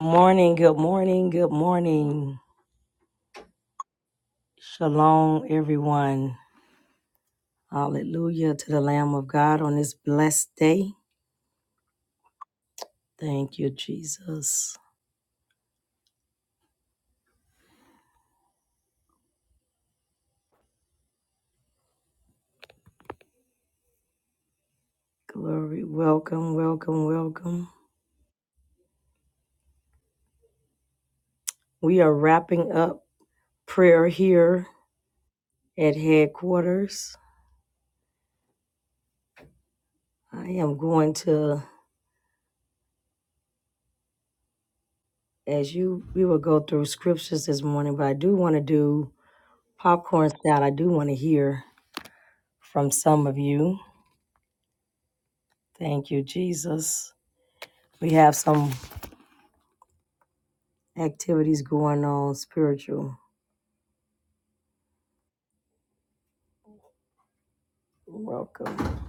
Morning, good morning, good morning. Shalom, everyone. Hallelujah to the Lamb of God on this blessed day. Thank you, Jesus. Glory, welcome, welcome, welcome. We are wrapping up prayer here at headquarters. I am going to, as you, we will go through scriptures this morning, but I do want to do popcorn style. I do want to hear from some of you. Thank you, Jesus. We have some. activities going on spiritual. Welcome.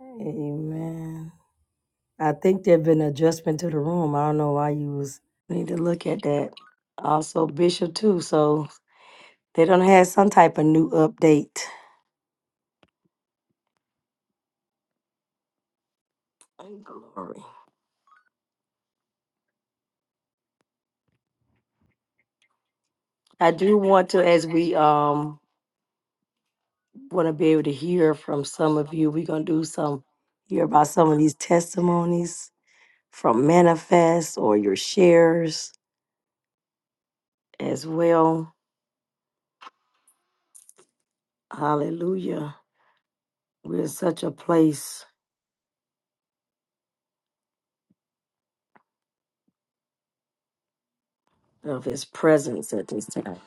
Amen. I think there've been adjustment to the room. I don't know why you was need to look at that. Also Bishop too, so they don't have some type of new update. Glory. I do want to as we um want to be able to hear from some of you. We're gonna do some hear about some of these testimonies from manifest or your shares as well. Hallelujah. We're such a place of his presence at this time.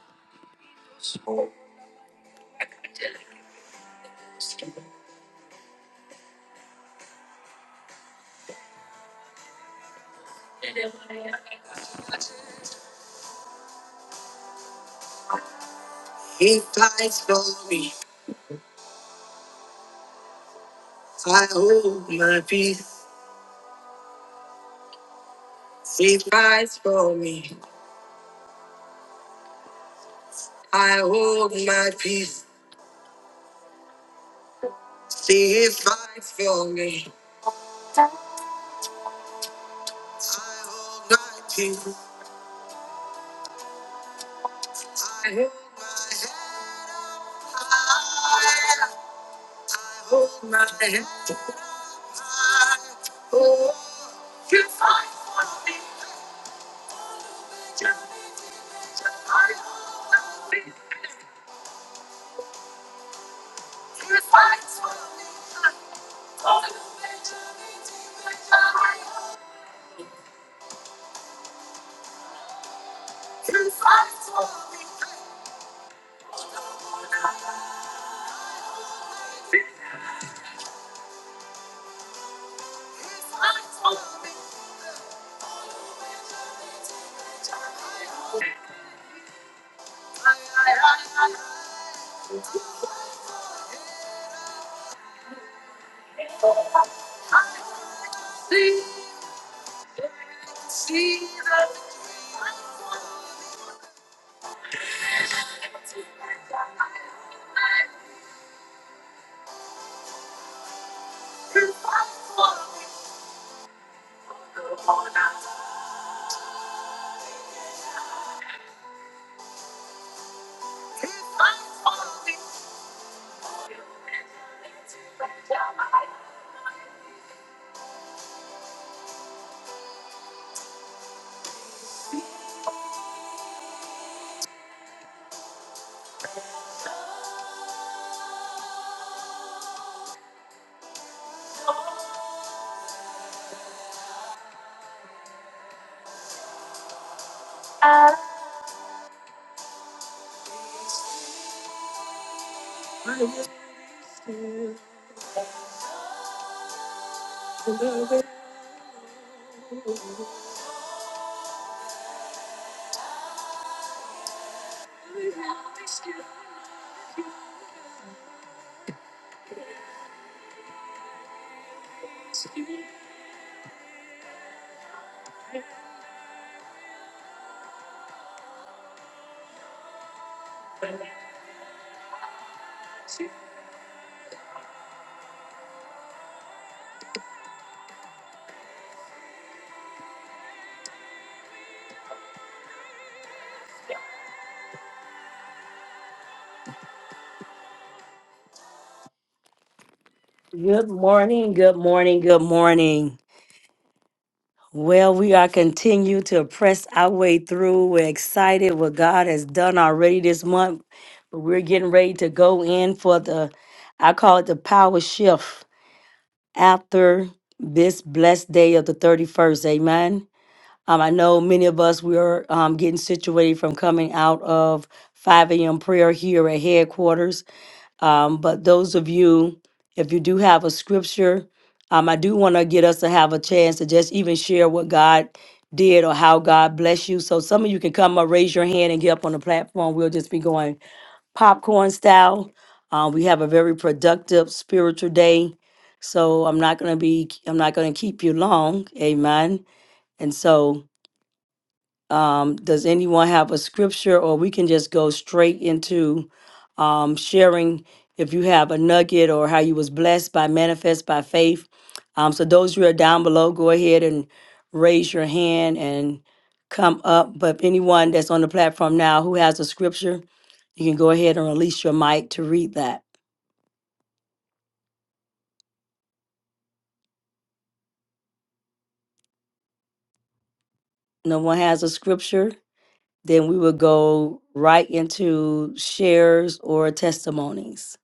Good morning, good morning, good morning. Well, we are continue to press our way through. We're excited what God has done already this month, but we're getting ready to go in for the I call it the power shift after this blessed day of the 31st. Amen. Um, I know many of us we are um, getting situated from coming out of 5 a.m. prayer here at headquarters Um, but those of you, if you do have a scripture, um, I do want to get us to have a chance to just even share what God did or how God bless you. So some of you can come up, raise your hand, and get up on the platform. We'll just be going popcorn style. Um, we have a very productive spiritual day, so I'm not gonna be, I'm not gonna keep you long. Amen. And so. Um, does anyone have a scripture, or we can just go straight into um, sharing if you have a nugget or how you was blessed by manifest by faith? Um, so those who are down below, go ahead and raise your hand and come up. But anyone that's on the platform now who has a scripture, you can go ahead and release your mic to read that. No one has a scripture, then we will go right into shares or testimonies.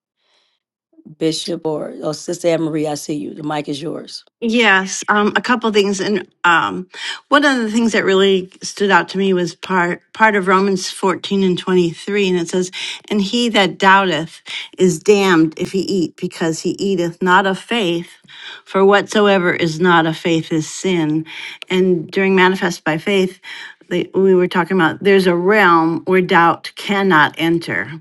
Bishop or, or Sister Anne Marie, I see you. The mic is yours. Yes, um, a couple things, and um, one of the things that really stood out to me was part part of Romans fourteen and twenty three, and it says, "And he that doubteth is damned if he eat, because he eateth not of faith, for whatsoever is not of faith is sin." And during manifest by faith, they, we were talking about there's a realm where doubt cannot enter,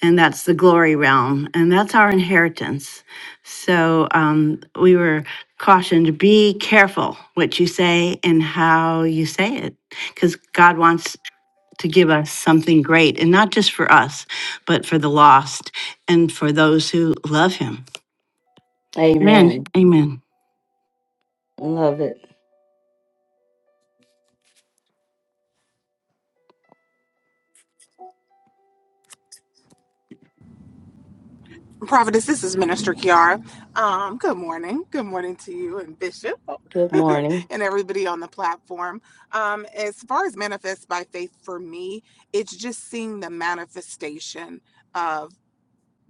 and that's the glory realm, and that's our inheritance so um, we were cautioned be careful what you say and how you say it, because God wants to give us something great, and not just for us, but for the lost and for those who love Him. Amen. Amen. Amen. Love it. Prophetess, this is Minister Kiara. Um, good morning. Good morning to you and Bishop Good morning. and everybody on the platform. Um, as far as manifest by faith for me, it's just seeing the manifestation of.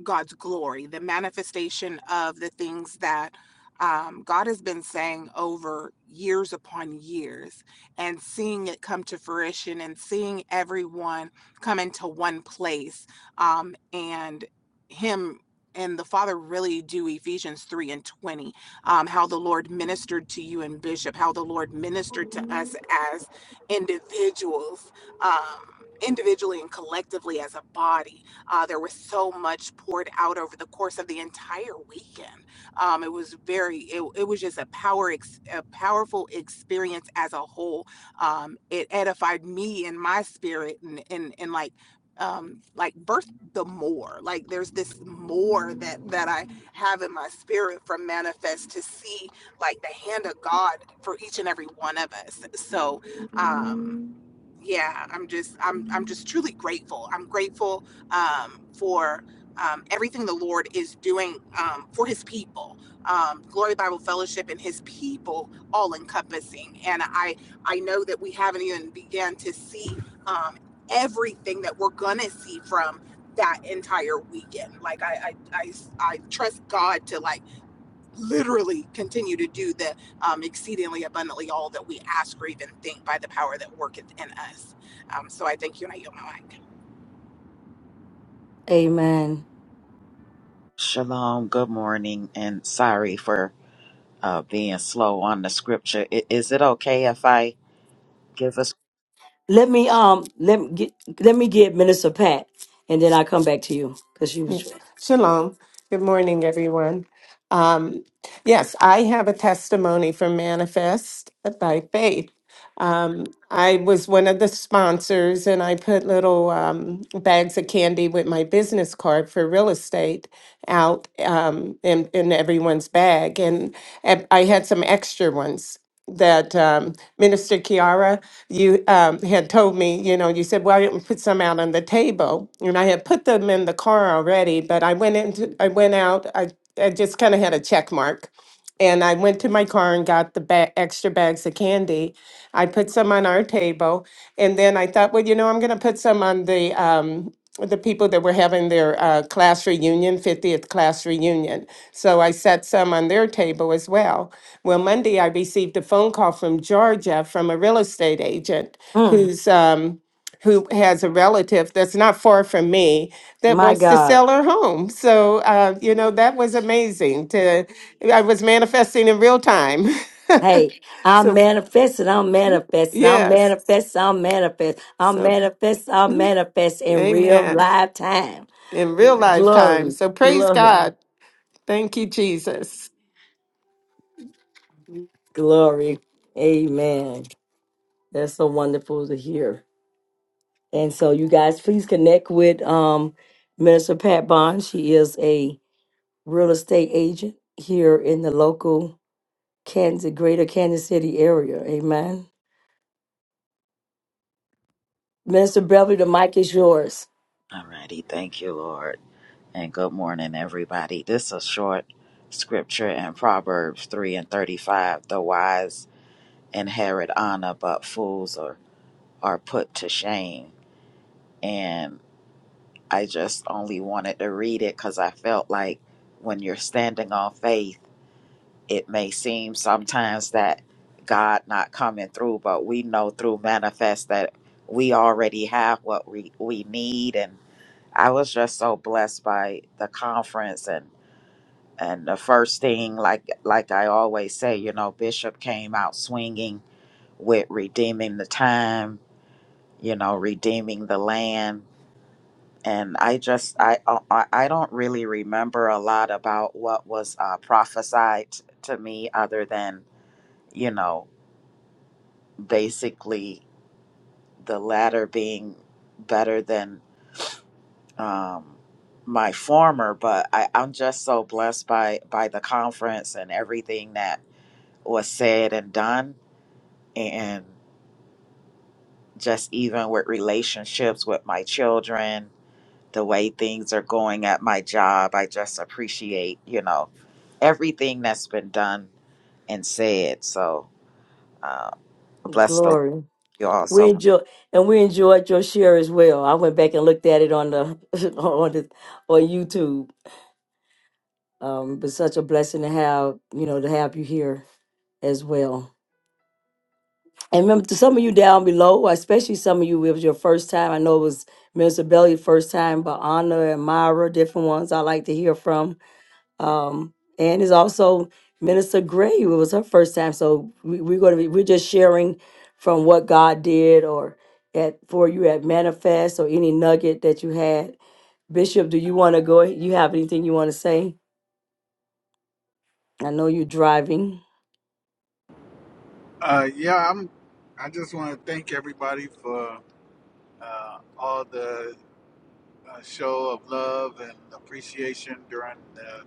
God's glory, the manifestation of the things that um, God has been saying over years upon years and seeing it come to fruition and seeing everyone come into one place um, and Him and the Father really do Ephesians 3 and 20, um, how the Lord ministered to you and Bishop, how the Lord ministered to us as individuals, um, individually and collectively as a body uh, there was so much poured out over the course of the entire weekend. Um, it was very, it, it was just a power, ex, a powerful experience as a whole. Um, it edified me in my spirit, and and and like. Um, like birth the more like there's this more that that i have in my spirit from manifest to see like the hand of god for each and every one of us so um yeah i'm just i'm i'm just truly grateful i'm grateful um, for um, everything the Lord is doing um, for his people. Um, Glory Bible Fellowship and his people all encompassing. And I, I know that we haven't even began to see um, everything that we're going to see from that entire weekend. Like I, I, I, I trust God to like literally continue to do the um, exceedingly abundantly all that we ask or even think by the power that worketh in us. Um, so I thank you and I yield my mic. Amen. Shalom, good morning, and sorry for uh, being slow on the scripture. I- is it okay if I give us? Let me um let me get let me get Minister Pat and then I come back to you because she was Yeah. Shalom. Good morning, everyone. Um, yes, I have a testimony from Manifest by Faith. Um, I was one of the sponsors, and I put little um, bags of candy with my business card for real estate out um, in, in everyone's bag. And I I had some extra ones that um, Minister Kiara, you um, had told me, you know, you said, "Why didn't put some out on the table?" And I had put them in the car already, but I went into, I went out, I, I just kind of had a check mark, and I went to my car and got the ba- extra bags of candy. I put some on our table, and then I thought, well, you know, I'm going to put some on the um, the people that were having their uh, class reunion, 50th class reunion. So I set some on their table as well. Well, Monday I received a phone call from Georgia from a real estate agent Mm, who's um, who has a relative that's not far from me that my wants to God. sell her home. So uh, you know that was amazing. To I was manifesting in real time. Hey, I'm So manifesting, I'm manifesting, I'm yes. manifesting, I'm manifesting, I'm So manifesting, I'm manifesting in real Amen live time. in real lifetime. Glory, So praise glory, God. Thank you, Jesus. glory. Amen. That's so wonderful to hear. And so you guys please connect with um Minister Pat Bond. She is a real estate agent here in the local Kansas, greater Kansas City area. Amen. Minister Beverly, the mic is yours. Alrighty, thank you, Lord, and good morning, everybody. This is a short scripture in Proverbs three and thirty-five. The wise inherit honor, but fools are are put to shame. And I just only wanted to read it because I felt like when you're standing on faith it may seem sometimes that God not coming through, but we know through manifest that we already have what we, we need. And I was just so blessed by the conference and and the first thing like like I always say, you know, Bishop came out swinging with redeeming the time, you know, redeeming the land. And I just I uh, I, I don't really remember a lot about what was uh, prophesied to me other than you know basically the latter being better than um, my former. But I, I'm just so blessed by by the conference and everything that was said and done, and just even with relationships with my children, the way things are going at my job. I just appreciate you know everything that's been done and said. So uh, bless the Glory. you all We so enjoy and we enjoyed your share as well. I went back and looked at it on the on the on YouTube. Um, but such a blessing to have, you know, to have you here as well. And remember, to some of you down below, especially some of you, it was your first time. I know it was Minister Belly's first time, but Anna and Myra, different ones I like to hear from. Um, and it's also Minister Gray, it was her first time. So we, we're going to be, we're just sharing from what God did or at for you at Manifest or any nugget that you had. Bishop, do you want to go? You have anything you want to say? I know you're driving. Uh, yeah, I'm. I just want to thank everybody for uh, all the uh, show of love and appreciation during the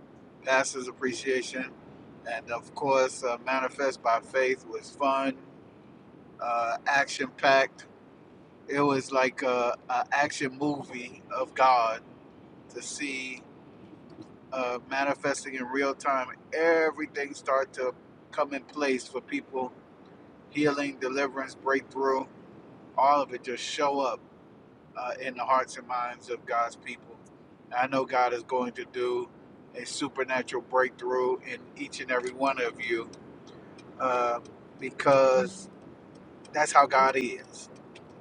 pastor's appreciation, and of course, uh, manifest by faith was fun, uh, action packed. It was like a, a action movie of God to see uh, manifesting in real time. Everything start to come in place for people, healing, deliverance, breakthrough all of it just show up uh, in the hearts and minds of God's people. I know God is going to do a supernatural breakthrough in each and every one of you uh, because that's how God is.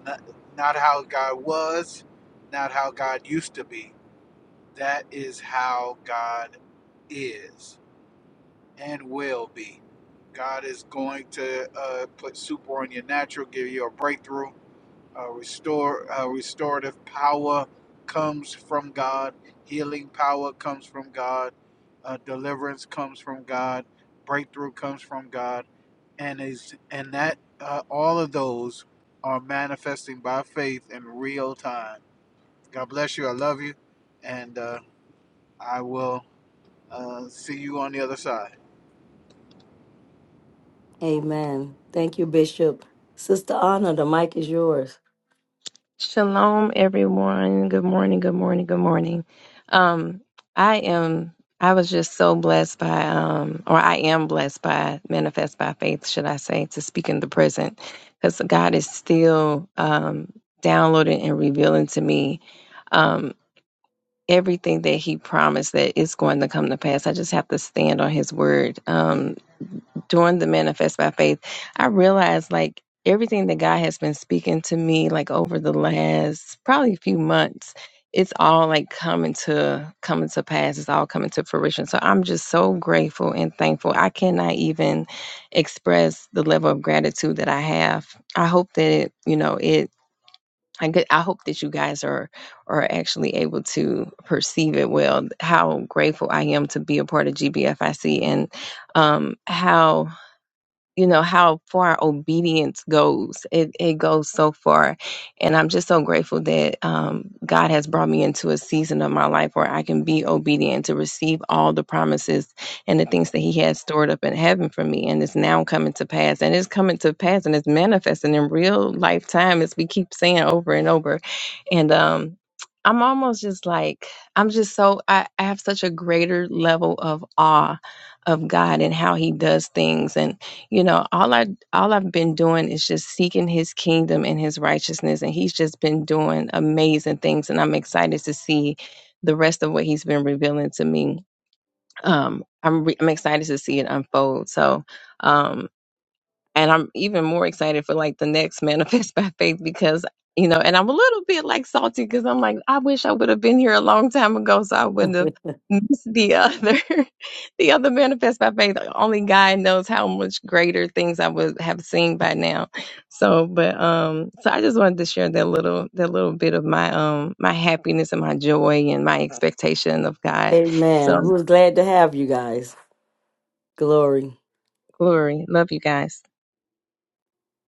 Not, not how God was, not how God used to be. That is how God is and will be. God is going to uh, put super on your natural, give you a breakthrough Uh, restore uh, restorative power comes from God. Healing power comes from God. Uh, deliverance comes from God. Breakthrough comes from God, and is and that uh, all of those are manifesting by faith in real time. God bless you. I love you, and uh, I will uh, see you on the other side. Amen. Thank you, Bishop. Sister Anna, the mic is yours. Shalom, everyone. Good morning. Good morning. Good morning. Um, I am. I was just so blessed by, um, or I am blessed by, manifest by faith, should I say, to speak in the present, because God is still um, downloading and revealing to me um, everything that He promised that is going to come to pass. I just have to stand on His word. Um, during the manifest by faith, I realized like everything that God has been speaking to me like over the last probably few months, it's all like coming to coming to pass. It's all coming to fruition. So I'm just so grateful and thankful. I cannot even express the level of gratitude that I have. I hope that it, you know it. I get, I hope that you guys are are actually able to perceive it well. How grateful I am to be a part of GBFIC and um, how you know how far obedience goes it it goes so far and i'm just so grateful that um god has brought me into a season of my life where i can be obedient to receive all the promises and the things that he has stored up in heaven for me and it's now coming to pass and it's coming to pass and it's manifesting in real lifetime as we keep saying over and over and um i'm almost just like i'm just so i, I have such a greater level of awe of god and how he does things and you know all i all i've been doing is just seeking his kingdom and his righteousness and he's just been doing amazing things and i'm excited to see the rest of what he's been revealing to me um i'm re- i'm excited to see it unfold so um and I'm even more excited for like the next manifest by faith because you know, and I'm a little bit like salty because I'm like, I wish I would have been here a long time ago so I wouldn't have missed the other, the other manifest by faith. Only God knows how much greater things I would have seen by now. So, but um, so I just wanted to share that little, that little bit of my um, my happiness and my joy and my expectation of God. Amen. So, We was glad to have you guys. Glory. glory, love you guys.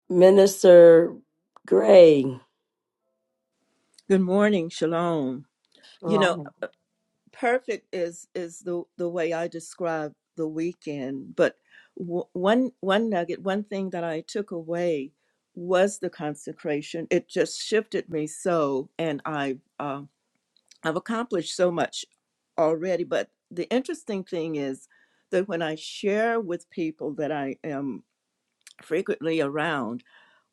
Minister Gray. Good morning, Shalom. You know, Shalom. perfect is is the the way I describe the weekend. But w- one one nugget, one thing that I took away was the consecration. It just shifted me so, and I uh, I've accomplished so much already. But the interesting thing is that when I share with people that I am frequently around,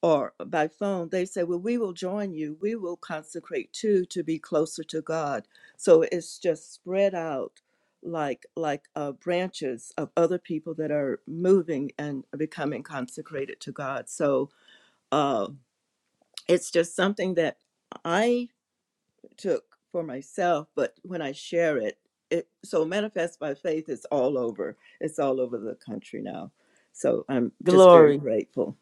or by phone, they say, Well, we will join you. We will consecrate too to be closer to God. So it's just spread out like like uh, branches of other people that are moving and becoming consecrated to God. So uh, it's just something that I took for myself, but when I share it, it so manifest by faith is all over. It's all over the country now. So I'm just very Glory. grateful.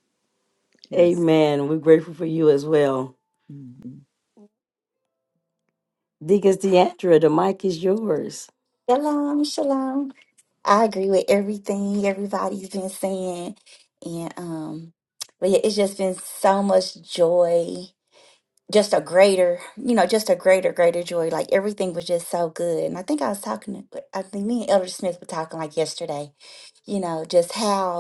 Yes. Amen. We're grateful for you as well. Mhm. Deacons Deandra, the mic is yours. Shalom, shalom. I agree with everything everybody's been saying. And um, but yeah, it's just been so much joy. Just a greater, you know, just a greater, greater joy. Like everything was just so good. And I think I was talking to, I think me and Elder Smith were talking like yesterday, you know, just how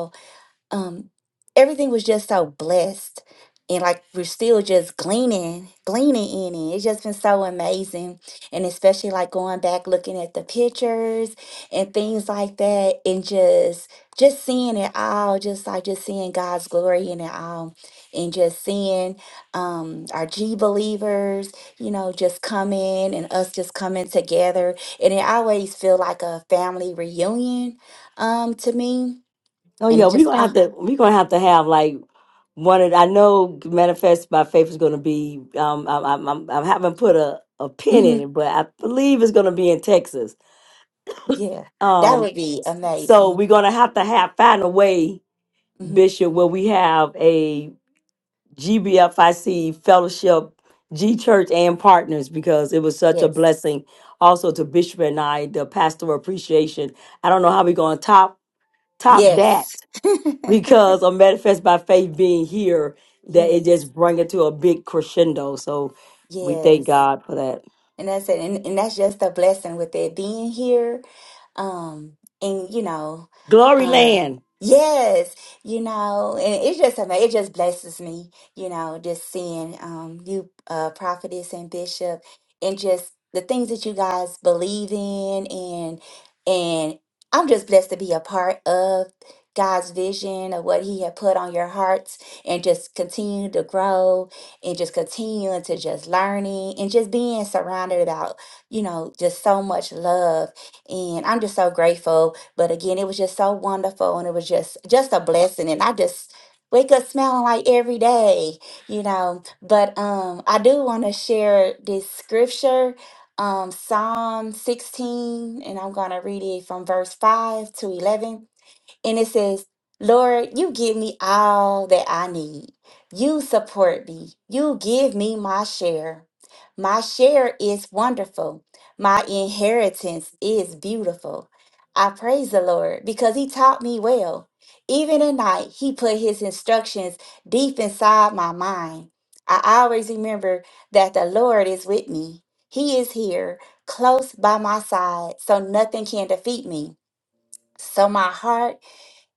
um everything was just so blessed and like we're still just gleaning gleaning in it it's just been so amazing and especially like going back looking at the pictures and things like that and just just seeing it all just like just seeing god's glory in it all and just seeing um our g believers you know just come in and us just coming together and it always feel like a family reunion um to me Oh and yeah, it we're just gonna have to we're gonna have to have like one of I know manifest by faith is gonna be um I, I, I'm am I haven't put a, a pin hmm in it, but I believe it's gonna be in Texas. Yeah, that Um would be so amazing. we're gonna have to have find a way, hmm Bishop, where we have a. GBFIC Fellowship, G Church, and partners because it was such a Yes. blessing. Also to Bishop and I, the pastoral appreciation. I don't know how we're going to top top that Yes. because of Manifest by Faith being here, that it yes. just bring it to a big crescendo. So we thank Yes. God for that. And that's it. And, and that's just a blessing with it being here. Um, and you know, Glory um, land. yes, you know, and it's just ama- it just blesses me, you know, just seeing um you uh prophetess and bishop and just the things that you guys believe in and and I'm just blessed to be a part of God's vision of what he had put on your hearts and just continue to grow and just continuing to just learning and just being surrounded about, you know, just so much love. And I'm just so grateful. But again, it was just so wonderful and it was just just a blessing. And I just wake up smelling like every day, you know. But um I do want to share this scripture um Psalm 16 and I'm going to read it from verse 5 to 11 and it says, Lord, you give me all that I need. You support me. You give me my share. My share is wonderful. My inheritance is beautiful. I praise the Lord because he taught me well. Even at night, he put his instructions deep inside my mind. I always remember that the Lord is with me. He is here, close by my side, so nothing can defeat me. So my heart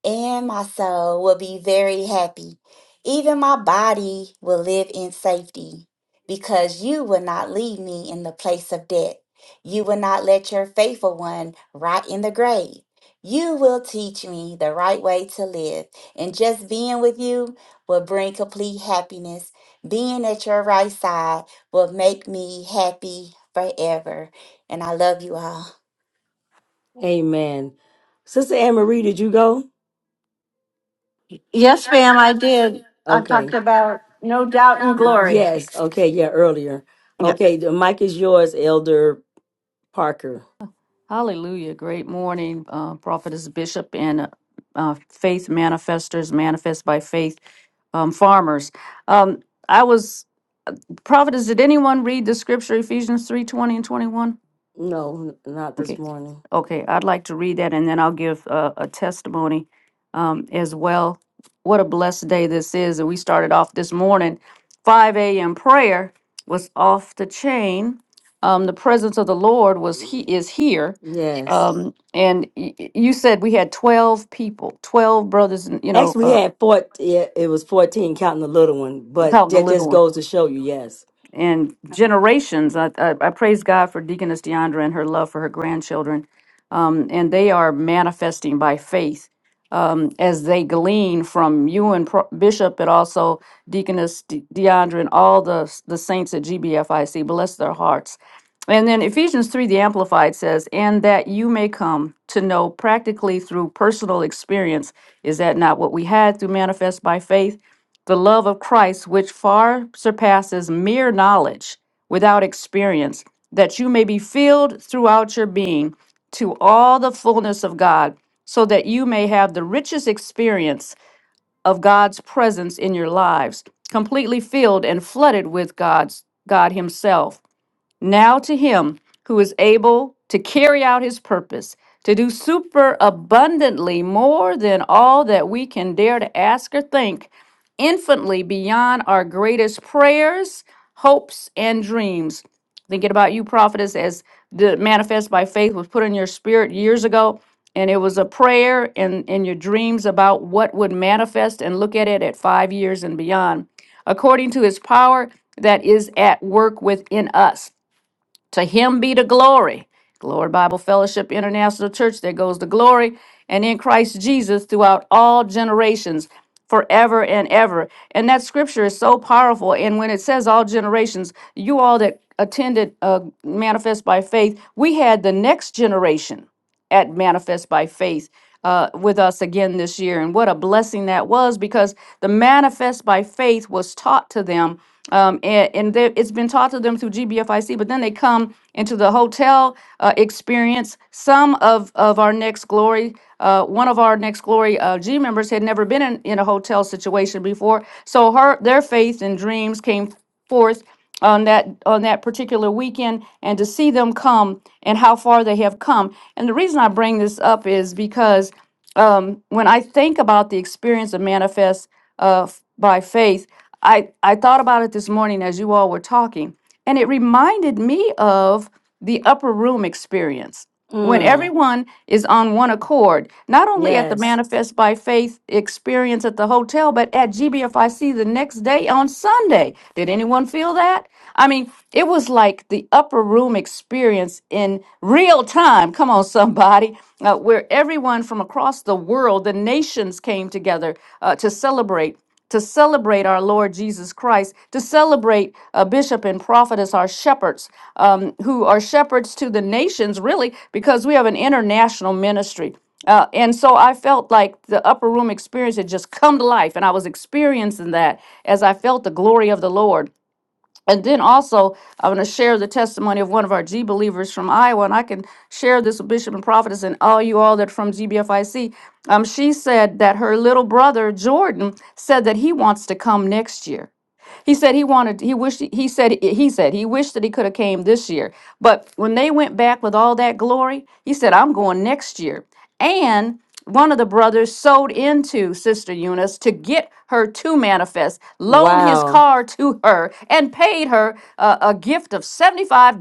and my soul will be very happy. Even my body will live in safety, because you will not leave me in the place of death. You will not let your faithful one rot in the grave. You will teach me the right way to live, and just being with you will bring complete happiness. Being at your right side will make me happy forever. And I love you all. Amen. Sister Anne Marie, did you go? Yes, ma'am, I did. I talked Okay. about no doubt and glory. Yes. Okay. Yeah, earlier. Yes. Okay. The mic is yours, Elder Parker. Hallelujah. Great morning, uh, prophetess, bishop, and uh, uh, faith manifestors, manifest by faith um, farmers. Um, I was prophetess. Did anyone read the scripture Ephesians three twenty and 21? No, n- not this Okay, morning. okay, I'd like to read that and then I'll give a, a testimony um, as well. What a blessed day this is. And we started off this morning, 5 a.m. prayer was off the chain. Um, the presence of the Lord was he is here. Yes. Um, and y- y- you said we had 12 people, 12 brothers, and, you know, Actually, we uh, had four. Yeah, it was 14 counting the little one, but counting the that little just one. goes to show you, yes. and generations. I, I, I praise God for Deaconess Deandra and her love for her grandchildren. Um, and they are manifesting by faith um, as they glean from you and Pro- Bishop and also Deaconess De- Deandra and all the, the saints at GBFIC. Bless their hearts. And then Ephesians 3, the Amplified says, and that you may come to know practically through personal experience. Is that not what we had through Manifest by Faith? the love of Christ, which far surpasses mere knowledge without experience, that you may be filled throughout your being to all the fullness of God, so that you may have the richest experience of God's presence in your lives, completely filled and flooded with God's God himself. Now to him who is able to carry out his purpose, to do super abundantly more than all that we can dare to ask or think, infinitely beyond our greatest prayers, hopes, and dreams. Thinking about you, prophetess, as the manifest by faith was put in your spirit years ago, and it was a prayer and in your dreams about what would manifest and look at it at five years and beyond, according to his power that is at work within us. To him be the glory. Glory Bible Fellowship International Church, there goes the glory. And in Christ Jesus throughout all generations, forever and ever. And that scripture is so powerful. And when it says all generations, you all that attended uh, Manifest by Faith, we had the next generation at Manifest by Faith uh, with us again this year. And what a blessing that was because the Manifest by Faith was taught to them. Um, and and they, it's been taught to them through GBFIC, but then they come into the hotel uh, experience. Some of, of our Next Glory, uh, one of our Next Glory uh, G members had never been in, in a hotel situation before. So her their faith and dreams came forth on that on that particular weekend and to see them come and how far they have come and the reason i bring this up is because um, when i think about the experience of manifest uh, f- by faith I, I thought about it this morning as you all were talking and it reminded me of the upper room experience when Mm, everyone is on one accord, not only at the yes. Manifest by Faith experience at the hotel, but at GBFIC the next day on Sunday. Did anyone feel that? I mean, it was like the upper room experience in real time. Come on, somebody, uh, where everyone from across the world, the nations came together uh, to celebrate to celebrate our Lord Jesus Christ, to celebrate a bishop and prophet as our shepherds, um, who are shepherds to the nations, really, because we have an international ministry. Uh, and so I felt like the upper room experience had just come to life, and I was experiencing that as I felt the glory of the Lord. And then also, I'm going to share the testimony of one of our G believers from Iowa, and I can share this with Bishop and Prophetess and all you all that are from GBFIC. Um, she said that her little brother, Jordan, said that he wants to come next year. He said he wanted, he wished, he said, he said, he wished that he could have came this year. But when they went back with all that glory, he said, I'm going next year. And one of the brothers sold into Sister Eunice to get her to manifest, loaned his Wow. car to her, and paid her uh, a gift of $75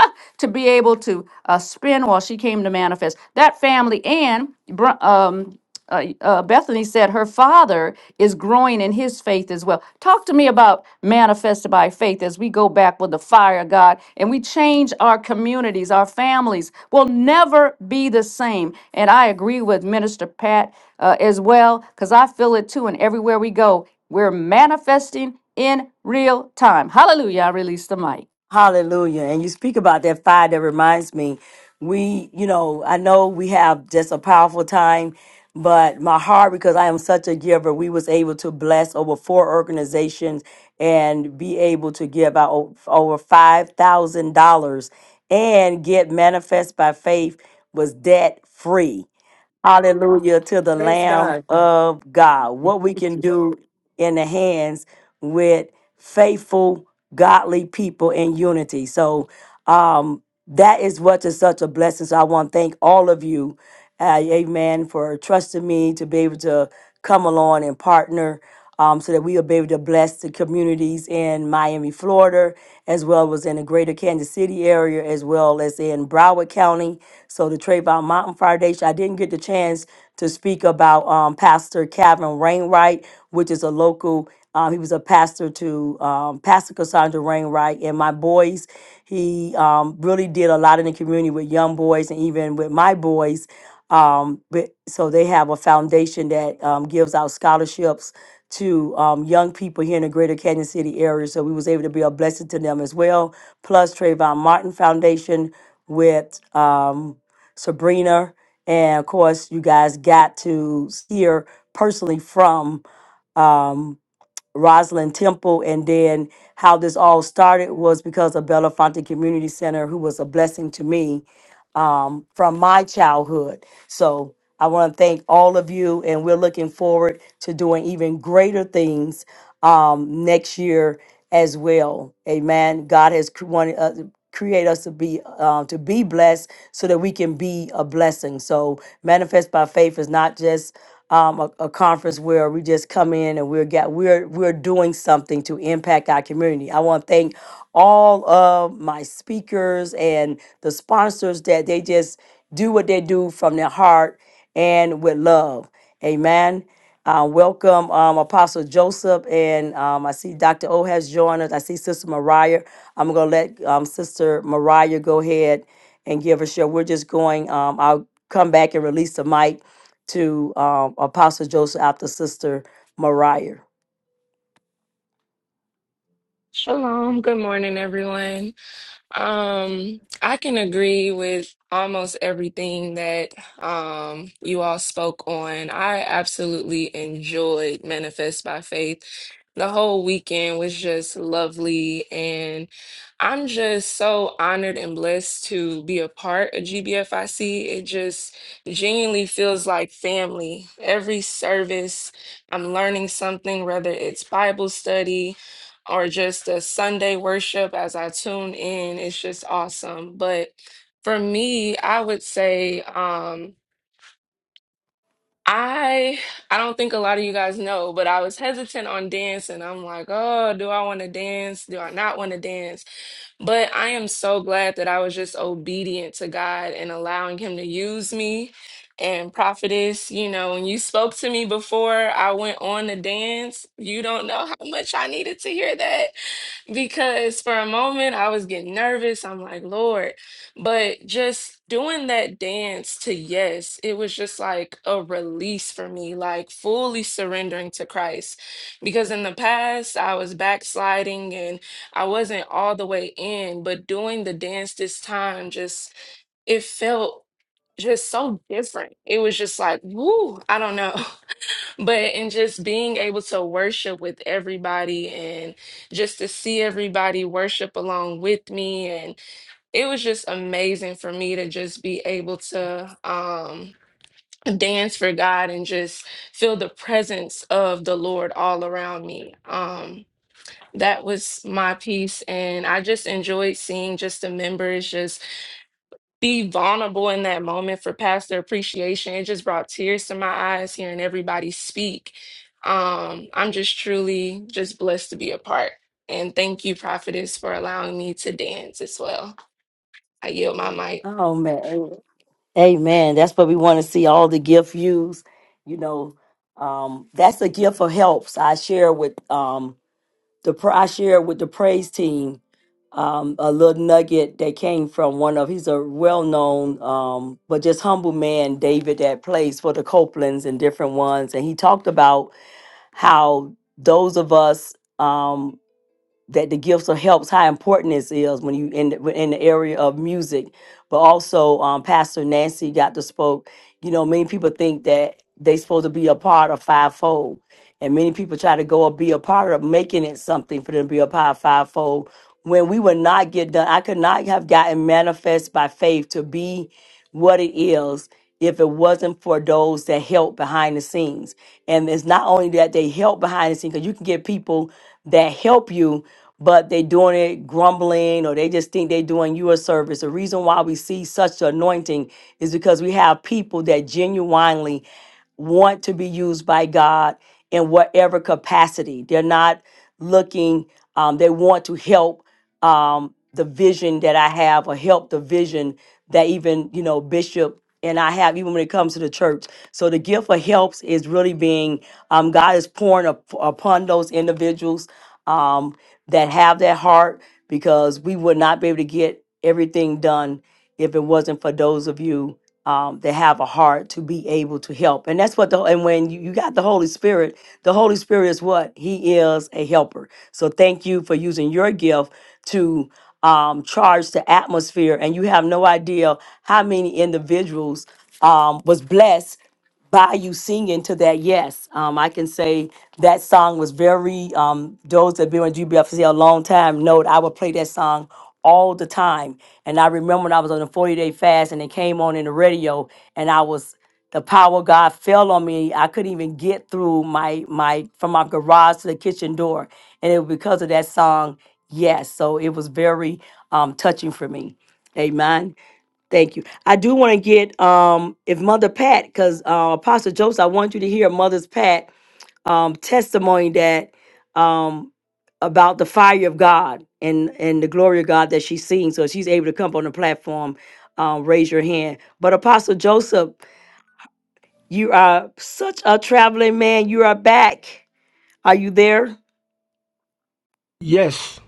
to be able to uh, spend while she came to manifest. That family and Br- um, uh, uh, Bethany said her father is growing in his faith as well. Talk to me about manifested by faith as we go back with the fire of God and we change our communities, our families will never be the same. And I agree with Minister Pat uh, as well because I feel it too. And everywhere we go, we're manifesting in real time. Hallelujah. I release the mic. Hallelujah. And you speak about that fire that reminds me, we, you know, I know we have just a powerful time, but my heart, because I am such a giver, we was able to bless over four organizations and be able to give out o- over $5,000 and get manifest by faith was debt free. Hallelujah to the Praise Lamb God. of God. What we can do in the hands with faithful, godly people in unity. So um, that is what is such a blessing. So I want to thank all of you, uh, amen, for trusting me to be able to come along and partner um, so that we will be able to bless the communities in Miami, Florida, as well as in the greater Kansas City area, as well as in Broward County. So the Trayvon Mountain Foundation, I didn't get the chance to speak about um, Pastor Calvin Rainwright, which is a local, um, he was a pastor to um, Pastor Cassandra Rainwright and my boys. He um, really did a lot in the community with young boys and even with my boys um, but so they have a foundation that um, gives out scholarships to um, young people here in the Greater Canyon City area. So we was able to be a blessing to them as well. Plus Trayvon Martin Foundation with um, Sabrina, and of course you guys got to hear personally from um, Rosalind Temple, and then how this all started was because of Belafonte Community Center, who was a blessing to me um, from my childhood. So I want to thank all of you, and we're looking forward to doing even greater things um, next year as well. Amen. God has cr- wanted uh, create us to be uh, to be blessed so that we can be a blessing. So manifest by faith is not just um, a, a conference where we just come in and we're got we're we're doing something to impact our community. I want to thank all of my speakers and the sponsors that they just do what they do from their heart and with love. Amen. Uh, welcome, um, Apostle Joseph, and um, I see Dr. O has joined us. I see Sister Mariah. I'm going to let um, Sister Mariah go ahead and give us share. We're just going. Um, I'll come back and release the mic to um, Apostle Joseph after Sister Mariah. Shalom. Good morning, everyone. Um, I can agree with almost everything that um, you all spoke on. I absolutely enjoyed Manifest by Faith. The whole weekend was just lovely, and I'm just so honored and blessed to be a part of GBFIC. It just genuinely feels like family. Every service, I'm learning something, whether it's Bible study or just the Sunday worship as I tune in. It's just awesome. But for me, I would say um, I I don't think a lot of you guys know, but I was hesitant on dancing. I'm like, oh, do I want to dance? Do I not want to dance? But I am so glad that I was just obedient to God and allowing Him to use me. And prophetess, you know, when you spoke to me before I went on to dance, you don't know how much I needed to hear that because for a moment I was getting nervous. I'm like, Lord. But just doing that dance to yes, it was just like a release for me, like fully surrendering to Christ. Because in the past, I was backsliding and I wasn't all the way in. But doing the dance this time, just it felt just so different. It was just like, woo, I don't know. But and just being able to worship with everybody and just to see everybody worship along with me and it was just amazing for me to just be able to um dance for God and just feel the presence of the Lord all around me. Um that was my piece and I just enjoyed seeing just the members just be vulnerable in that moment for pastor appreciation. It just brought tears to my eyes hearing everybody speak. Um, I'm just truly just blessed to be a part. And thank you, prophetess, for allowing me to dance as well. I yield my mic. Oh man, Amen. That's what we want to see. All the gift used. You know, um, that's the gift of helps. I share with. Um, the pr- I shared with the praise team um, a little nugget that came from one of he's a well-known um, but just humble man, David, that plays for the Copelands and different ones, and he talked about how those of us um, that the gifts of helps how important this is when you in the, in the area of music but also um, pastor nancy got to spoke you know many people think that they supposed to be a part of fivefold and many people try to go and be a part of making it something for them to be a part of fivefold when we would not get done i could not have gotten manifest by faith to be what it is if it wasn't for those that help behind the scenes. And it's not only that they help behind the scenes, because you can get people that help you, but they doing it grumbling or they just think they're doing you a service. The reason why we see such anointing is because we have people that genuinely want to be used by God in whatever capacity. They're not looking, um, they want to help um, the vision that I have or help the vision that even you know bishop and i have even when it comes to the church so the gift of helps is really being um, god is pouring up, upon those individuals um, that have that heart because we would not be able to get everything done if it wasn't for those of you um, that have a heart to be able to help. And that's what the and when you, you got the Holy Spirit, the Holy Spirit is what? He is a helper. So thank you for using your gift to um, charge the atmosphere. And you have no idea how many individuals um, was blessed by you singing to that yes um, i can say that song was very um, those that have been with G B F C a long time know that i would play that song all the time and i remember when i was on a 40 day fast and it came on in the radio and i was the power of god fell on me i couldn't even get through my my from my garage to the kitchen door and it was because of that song yes so it was very um, touching for me amen Thank you. I do want to get um if Mother Pat, because uh, Apostle Joseph, I want you to hear Mother's Pat um testimony that um about the fire of God and and the glory of God that she's seeing. So if she's able to come up on the platform. Um, raise your hand. But Apostle Joseph, you are such a traveling man. You are back. Are you there? Yes,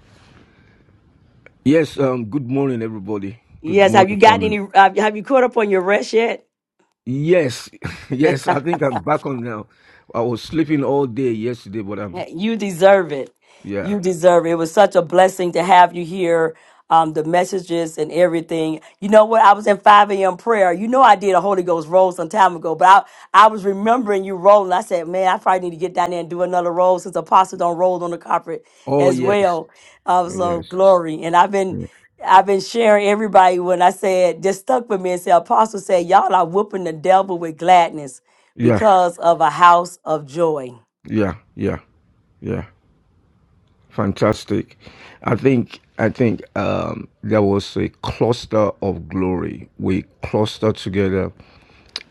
yes. Um, good morning, everybody. Good Yes. Have you morning, got family. any? Have, have you caught up on your rest yet? Yes, yes. I think I'm back on now. I was sleeping all day yesterday, but I'm You deserve it. yeah. You deserve it. It was such a blessing to have you here. Um, the messages and everything. You know what? I was in 5 a.m. prayer. You know I did a Holy Ghost roll some time ago, but I, I was remembering you rolling. I said, man, I probably need to get down there and do another roll since Apostle don't roll on the carpet Oh as yes, well. Um, so yes. glory. And I've been I've been sharing everybody when I said just stuck with me and said Apostle said, Y'all are whooping the devil with gladness Yeah, because of a house of joy. yeah, yeah, yeah. Fantastic. I think I think um, there was a cluster of glory. We clustered together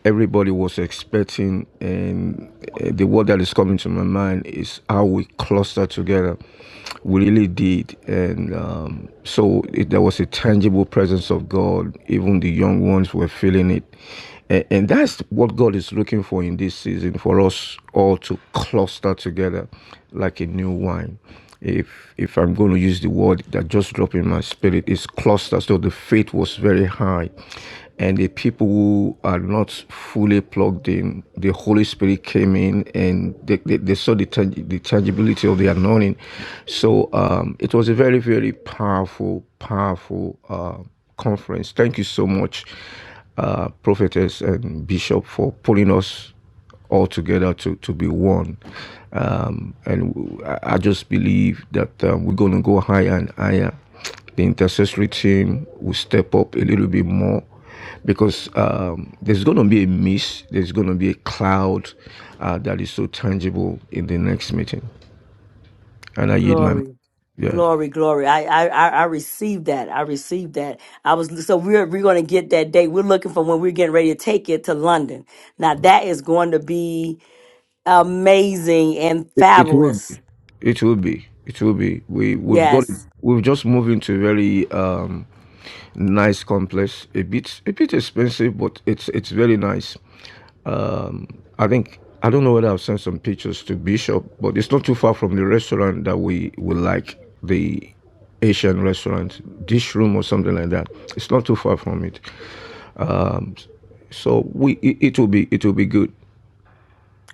everybody was expecting and uh, the word that is coming to my mind is how we cluster together we really did and um, so it, there was a tangible presence of god even the young ones were feeling it and, and that's what god is looking for in this season for us all to cluster together like a new wine if if i'm going to use the word that just dropped in my spirit is cluster so the faith was very high and the people who are not fully plugged in, the Holy Spirit came in and they, they, they saw the, the tangibility of the anointing. So um, it was a very, very powerful, powerful uh, conference. Thank you so much, uh, prophetess and bishop, for pulling us all together to, to be one. Um, and I just believe that um, we're going to go higher and higher. The intercessory team will step up a little bit more because um, there's going to be a mist, there's going to be a cloud uh, that is so tangible in the next meeting. And I yield my mind. Glory. Yeah. Glory, glory. I, I, I I received that. I received that. I was, so we're, we're going to get that date. We're looking for when we're getting ready to take it to London. Now that is going to be amazing and It, it will be. fabulous. It will be. It will be. We we've got. Yes. We've just moved into a very um, nice complex. A bit a bit expensive, but it's it's very nice. Um, I think I don't know whether I've sent some pictures to Bishop, but it's not too far from the restaurant that we we like the Asian restaurant, dish room or something like that. It's not too far from it. Um, so we it, it will be it will be good.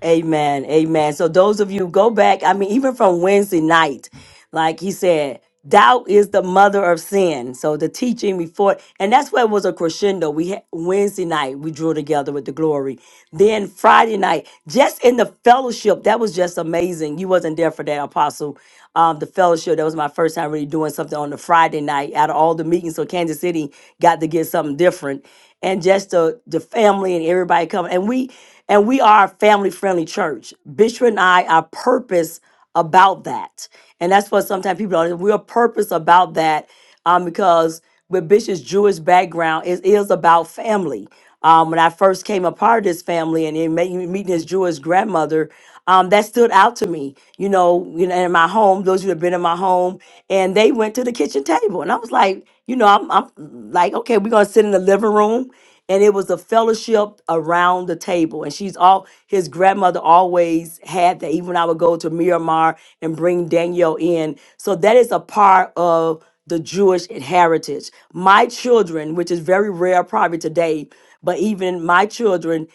Amen. Amen. So those of you go back, I mean, even from Wednesday night, like he said, doubt is the mother of sin. So the teaching before, and that's where it was a crescendo. We had Wednesday night, we drew together with the glory. Then Friday night, just in the fellowship, that was just amazing. You wasn't there for that, Apostle. Um, the fellowship, that was my first time really doing something on the Friday night out of all the meetings. So Kansas City got to get something different. And just the the family and everybody coming. And we and we are a family-friendly church. Bishop and I, our purpose about that. And that's what sometimes people don't. We're purpose about that um, because with Bishop's Jewish background, it is about family. Um, when I first came a part of this family and then ma- meeting his Jewish grandmother, um, that stood out to me. You know, you know, in my home, those who have been in my home, and they went to the kitchen table, and I was like, you know, I'm, I'm like, okay, we're gonna sit in the living room, and it was a fellowship around the table. And she's all his grandmother always had that. Even when I would go to Miramar and bring Danielle in, so that is a part of the Jewish heritage. My children, which is very rare probably today, but even my children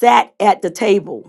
sat at the table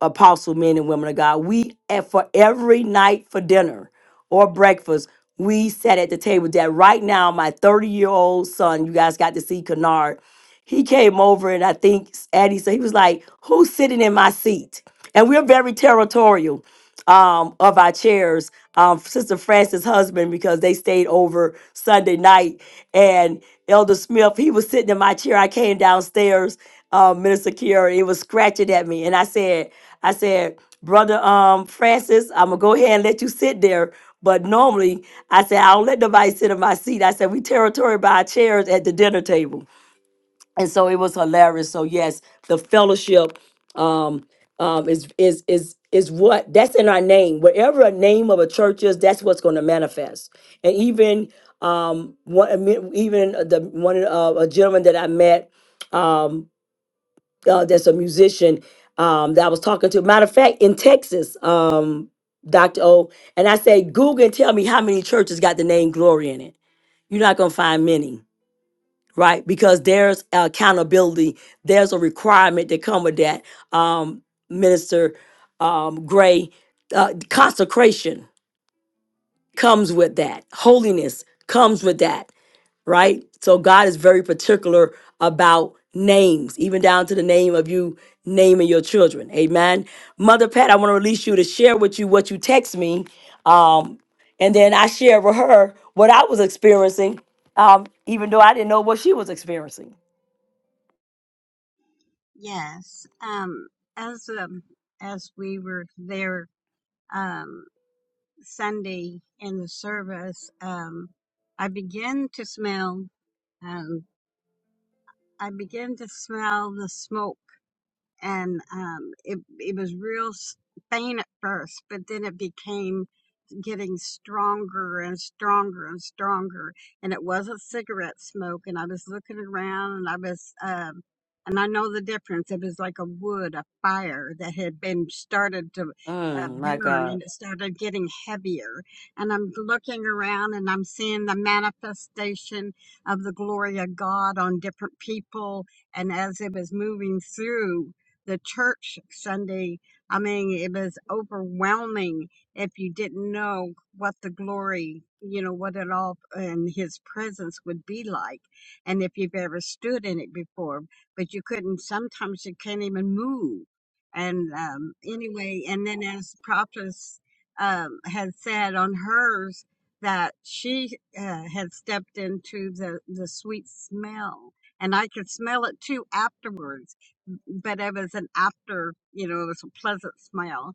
apostle men and women of God. We and for every night for dinner or breakfast, we sat at the table. That right now, my 30 year old son, you guys got to see Kennard, he came over and I think Addie said he was like, Who's sitting in my seat? And we're very territorial um, of our chairs. Um, Sister Frances' husband, because they stayed over Sunday night. And Elder Smith, he was sitting in my chair. I came downstairs, um, Minister Kiara, he was scratching at me. And I said, I said, Brother um, Francis, I'm gonna go ahead and let you sit there. But normally I said, I don't let nobody sit in my seat. I said, we territory by our chairs at the dinner table and so it was hilarious so yes the fellowship um um is is is is what that's in our name whatever a name of a church is that's what's going to manifest and even um one I mean, even the one uh, a gentleman that i met um uh, that's a musician um that i was talking to matter of fact in texas um dr o and i said google and tell me how many churches got the name glory in it you're not going to find many right? Because there's accountability, there's a requirement that come with that. Um, Minister um, Gray, uh, consecration comes with that. Holiness comes with that, right? So God is very particular about names, even down to the name of you naming your children. Amen. Mother Pat, I want to release you to share with you what you text me. Um, and then I share with her what I was experiencing, um, even though I didn't know what she was experiencing. Yes. Um, as um, as we were there um, Sunday in the service, um, I began to smell. Um, I began to smell the smoke, and um, it it was real s- faint at first, but then it became getting stronger and stronger and stronger. And it wasn't cigarette smoke. And I was looking around and I was, um, and I know the difference. It was like a wood, a fire that had been started to uh, Mm, my burn God. and it started getting heavier. And I'm looking around and I'm seeing the manifestation of the glory of God on different people. And as it was moving through the church Sunday, I mean, it was overwhelming if you didn't know what the glory, you know, what it all and his presence would be like, and if you've ever stood in it before, but you couldn't, sometimes you can't even move. And um, anyway, and then as Prophetess um, had said on hers, that she uh, had stepped into the, the sweet smell. And I could smell it too afterwards, but it was an after, you know, it was a pleasant smell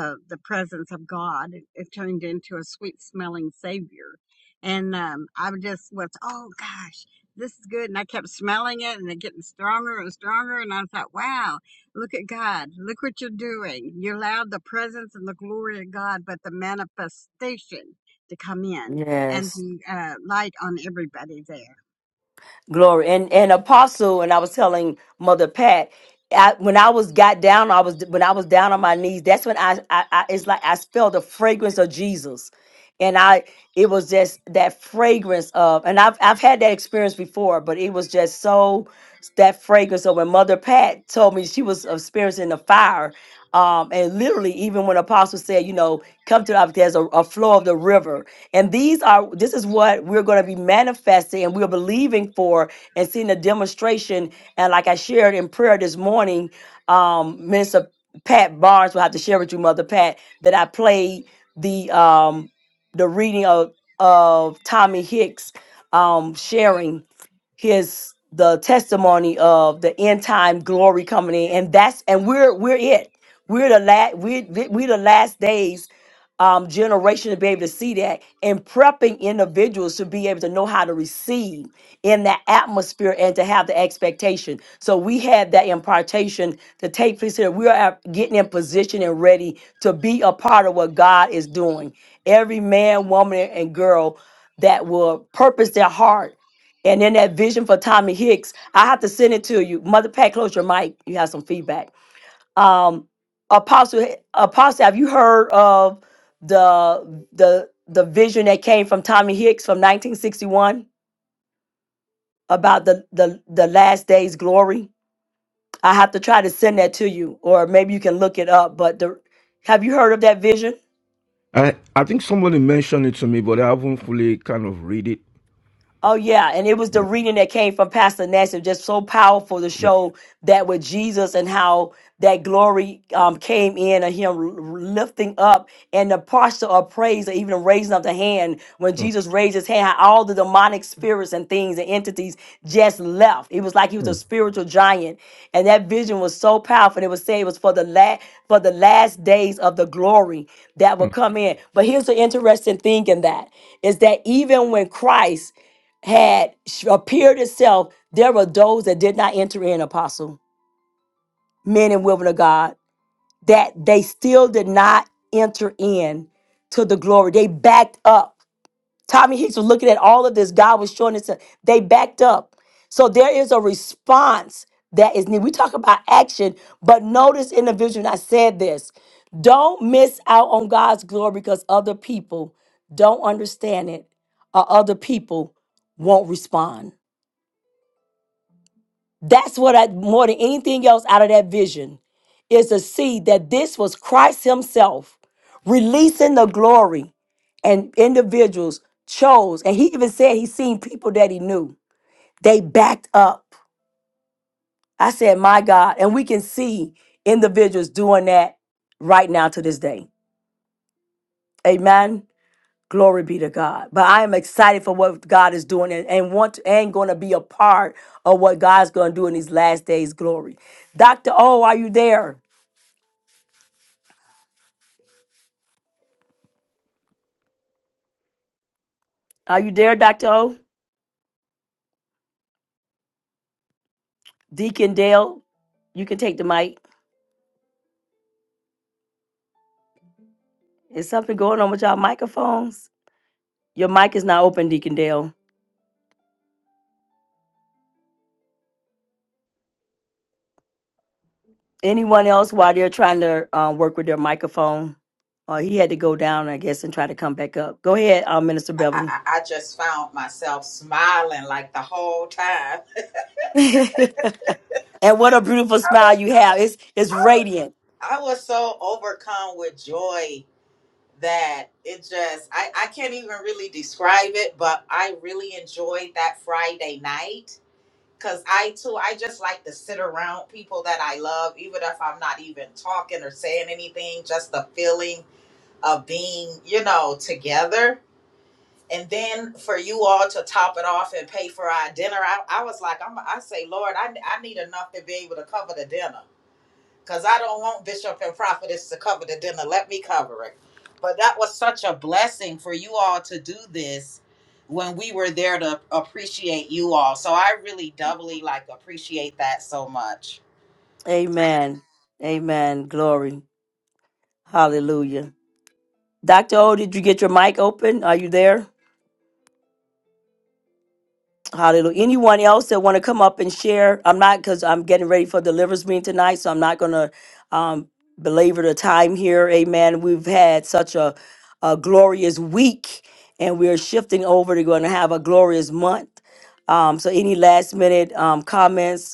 uh, the presence of God. It, it turned into a sweet smelling savior. And um, I just was, oh gosh, this is good. And I kept smelling it and it getting stronger and stronger. And I thought, wow, look at God. Look what you're doing. You allowed the presence and the glory of God, but the manifestation to come in and Yes. to uh, light on everybody there. Glory. And and apostle, and I was telling Mother Pat, I, when I was got down, I was when I was down on my knees, that's when I, I I it's like I felt the fragrance of Jesus. And I it was just that fragrance of and I've I've had that experience before, but it was just so that fragrance of when Mother Pat told me she was experiencing the fire. Um, and literally, even when Apostle said, you know, come to the, there's a, a flow of the river, And these are this is what we're going to be manifesting and we're believing for and seeing a demonstration. And like I shared in prayer this morning, um, Minister Pat Barnes will have to share with you, Mother Pat, that I played the um the reading of of Tommy Hicks um sharing his the testimony of the end time glory coming in and that's and we're we're it we're the last we're, we're the last days um generation to be able to see that and prepping individuals to be able to know how to receive in that atmosphere and to have the expectation so we had that impartation to take place here we are at- getting in position and ready to be a part of what god is doing every man woman and girl that will purpose their heart and in that vision for Tommy Hicks, I have to send it to you. Mother Pat, close your mic. You have some feedback. Um, Apostle, Apostle, have you heard of the the the vision that came from Tommy Hicks from 1961 about the the the last day's glory? I have to try to send that to you, or maybe you can look it up. But the, have you heard of that vision? I I think somebody mentioned it to me, but I haven't fully kind of read it. Oh yeah, and it was the Yeah. reading that came from Pastor Nash, It was just so powerful to Yeah. show that with Jesus and how that glory um, came in and Him l- lifting up and the posture of praise, or even raising up the hand when Mm, Jesus raised His hand, how all the demonic spirits and things and entities just left. It was like He was a mm, spiritual giant, and that vision was so powerful. And it was saying it was for the last for the last days of the glory that mm. would come in. But here's the interesting thing in that is that even when Christ had sh- appeared itself, there were those that did not enter in, apostle, men and women of God, that they still did not enter in to the glory. They backed up. Tommy Hicks was looking at all of this. God was showing it to they backed up. So there is a response that is needed. We talk about action, but notice in the vision, I said this. Don't miss out on God's glory because other people don't understand it or other people won't respond. That's what I more than anything else out of that vision is to see that this was Christ Himself releasing the glory, and individuals chose. And He even said He seen people that He knew. They backed up. I said, My God. And we can see individuals doing that right now to this day. Amen. Glory be to God. But I am excited for what God is doing and, and want and gonna be a part of what God's gonna do in these last days, glory. Dr. O, are you there? Are you there, Dr. O? Deacon Dale, you can take the mic. Is something going on with y'all microphones? Your mic is not open, Deacon Dale. Anyone else while they're trying to uh, work with their microphone? Uh, he had to go down, I guess, and try to come back up. Go ahead, uh, Minister I, Beverly. I, I just found myself smiling like the whole time. and what a beautiful smile you have. It's it's radiant. I was so overcome with joy that it just, I, I can't even really describe it, but I really enjoyed that Friday night. Cause I too, I just like to sit around people that I love, even if I'm not even talking or saying anything, just the feeling of being, you know, together and then for you all to top it off and pay for our dinner i, I was like I'm, i say lord I, I need enough to be able to cover the dinner because i don't want bishop and prophetess to cover the dinner let me cover it but that was such a blessing for you all to do this when we were there to appreciate you all so i really doubly like appreciate that so much Amen. Amen. Glory. Hallelujah. Dr. O, did you get your mic open? Are you there? Hallelujah. Anyone else that want to come up and share? I'm not because I'm getting ready for deliverance meeting tonight, so I'm not going to um, belabor the time here. Amen. We've had such a, a glorious week, and we're shifting over to going to have a glorious month. Um, so, any last minute um, comments?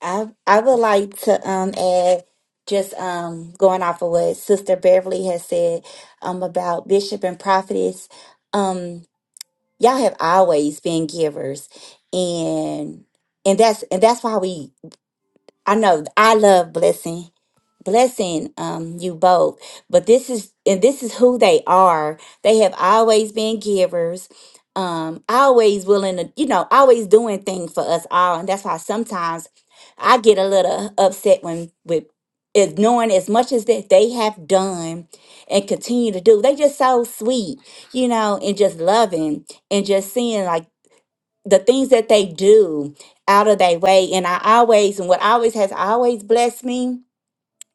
I I would like to um add just um going off of what Sister Beverly has said um about bishop and prophetess. Um y'all have always been givers and and that's and that's why we I know I love blessing blessing um you both but this is and this is who they are they have always been givers um always willing to you know always doing things for us all and that's why sometimes i get a little upset when with is knowing as much as that they have done and continue to do they just so sweet you know and just loving and just seeing like the things that they do out of their way and i always and what always has always blessed me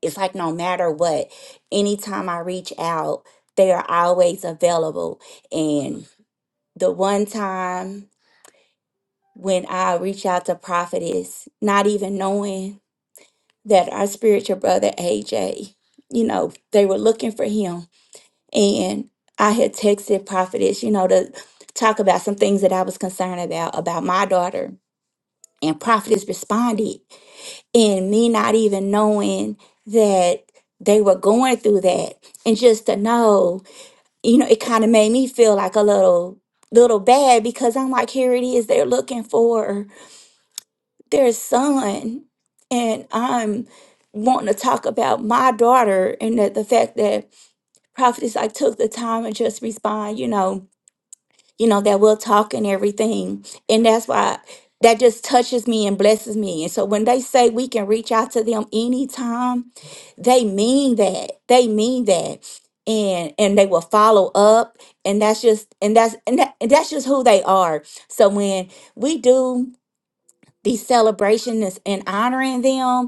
it's like no matter what, anytime I reach out, they are always available. And the one time when I reach out to prophetess, not even knowing that our spiritual brother AJ, you know, they were looking for him. And I had texted prophetess, you know, to talk about some things that I was concerned about, about my daughter. And prophetess responded. and me not even knowing that they were going through that and just to know you know it kind of made me feel like a little little bad because i'm like here it is they're looking for their son and i'm wanting to talk about my daughter and that the fact that prophetess like took the time and just respond you know you know, that we'll talk and everything. And that's why that just touches me and blesses me. And so when they say we can reach out to them anytime, they mean that. They mean that. And and they will follow up. And that's just and that's and, that, and that's just who they are. So when we do these celebrations and honoring them,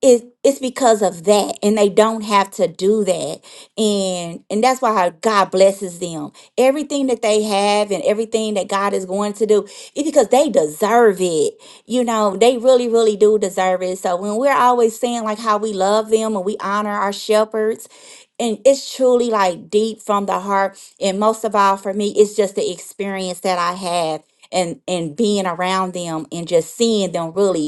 it, it's because of that and they don't have to do that and and that's why how god blesses them everything that they have and everything that god is going to do is because they deserve it you know they really really do deserve it so when we're always saying like how we love them and we honor our shepherds and it's truly like deep from the heart and most of all for me it's just the experience that i have and and being around them and just seeing them really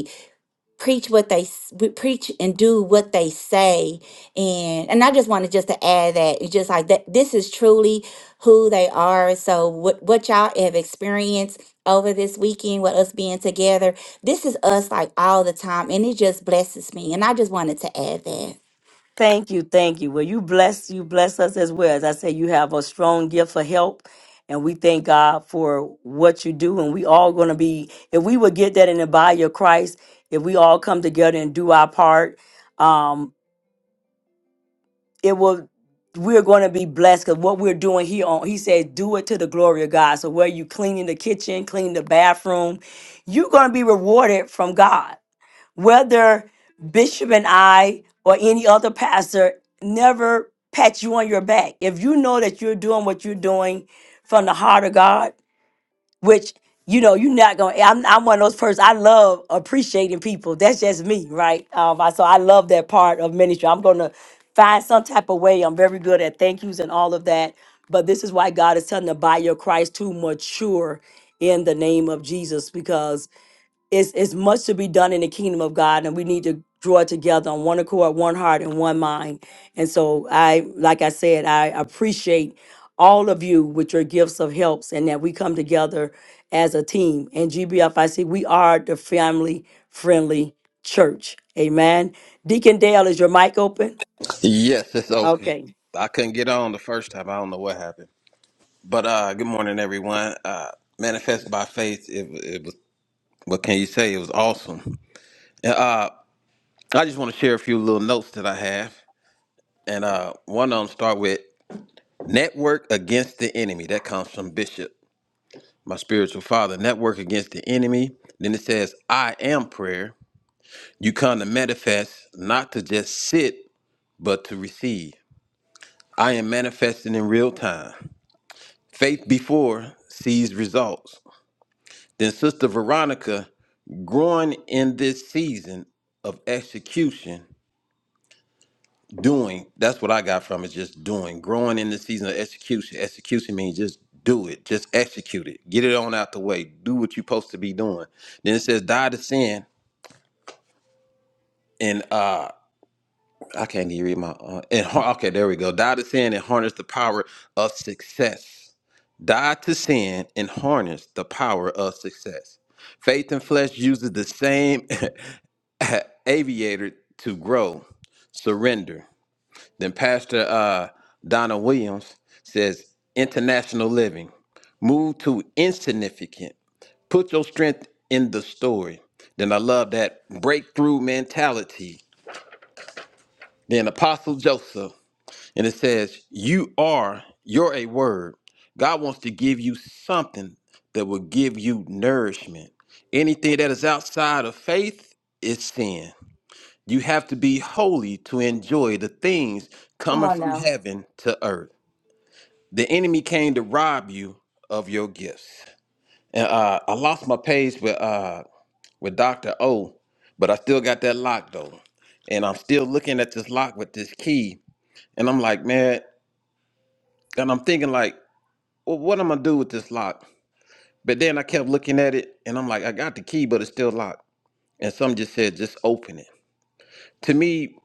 preach what they s- we preach and do what they say and and i just wanted just to add that it's just like that this is truly who they are so what what y'all have experienced over this weekend with us being together this is us like all the time and it just blesses me and i just wanted to add that Thank you, thank you. Well, you bless you bless us as well. As I say, you have a strong gift for help, and we thank God for what you do. And we all going to be if we would get that in the body of Christ, if we all come together and do our part, um, it will. We're going to be blessed because what we're doing here on He says, do it to the glory of God. So where you cleaning the kitchen, clean the bathroom, you're going to be rewarded from God whether Bishop and I or any other pastor never pat you on your back. If you know that you're doing what you're doing from the heart of God, which you know you're not going I'm, I'm one of those persons. I love appreciating people. That's just me, right? Um, I so I love that part of ministry. I'm gonna find some type of way. I'm very good at thank yous and all of that. But this is why God is telling the body of Christ to mature in the name of Jesus because it's it's much to be done in the kingdom of God, and we need to draw together on one accord, one heart, and one mind. And so I, like I said, I appreciate all of you with your gifts of helps, and that we come together as a team. And GBFIC, we are the family friendly church. Amen. Deacon Dale, is your mic open? Yes, it's open. Okay. I couldn't get on the first time. I don't know what happened. But uh, good morning, everyone. Uh, Manifest by faith. It, it was. What can you say? It was awesome. And, uh, I just want to share a few little notes that I have, and uh, one of them start with network against the enemy. That comes from Bishop, my spiritual father. Network against the enemy. Then it says, "I am prayer." You come to manifest, not to just sit, but to receive. I am manifesting in real time. Faith before sees results. Then Sister Veronica growing in this season of execution, doing, that's what I got from it, just doing. Growing in the season of execution. Execution means just do it, just execute it. Get it on out the way. Do what you're supposed to be doing. Then it says, die to sin and uh I can't even read my uh, and har- okay, there we go. Die to sin and harness the power of success. die to sin, and harness the power of success. Faith and flesh uses the same aviator to grow, surrender. Then Pastor uh, Donna Williams says, international living, move to insignificant, put your strength in the story. Then I love that breakthrough mentality. Then Apostle Joseph. And it says, You are, you're a word. God wants to give you something that will give you nourishment. Anything that is outside of faith is sin. You have to be holy to enjoy the things Come coming on from now. heaven to earth. The enemy came to rob you of your gifts. And uh, I lost my page with uh, with Dr. O, but I still got that lock though. And I'm still looking at this lock with this key. And I'm like, man, and I'm thinking like well, what I'm gonna do with this lock? But then I kept looking at it and I'm like, I got the key, but it's still locked. And some just said, just open it. To me,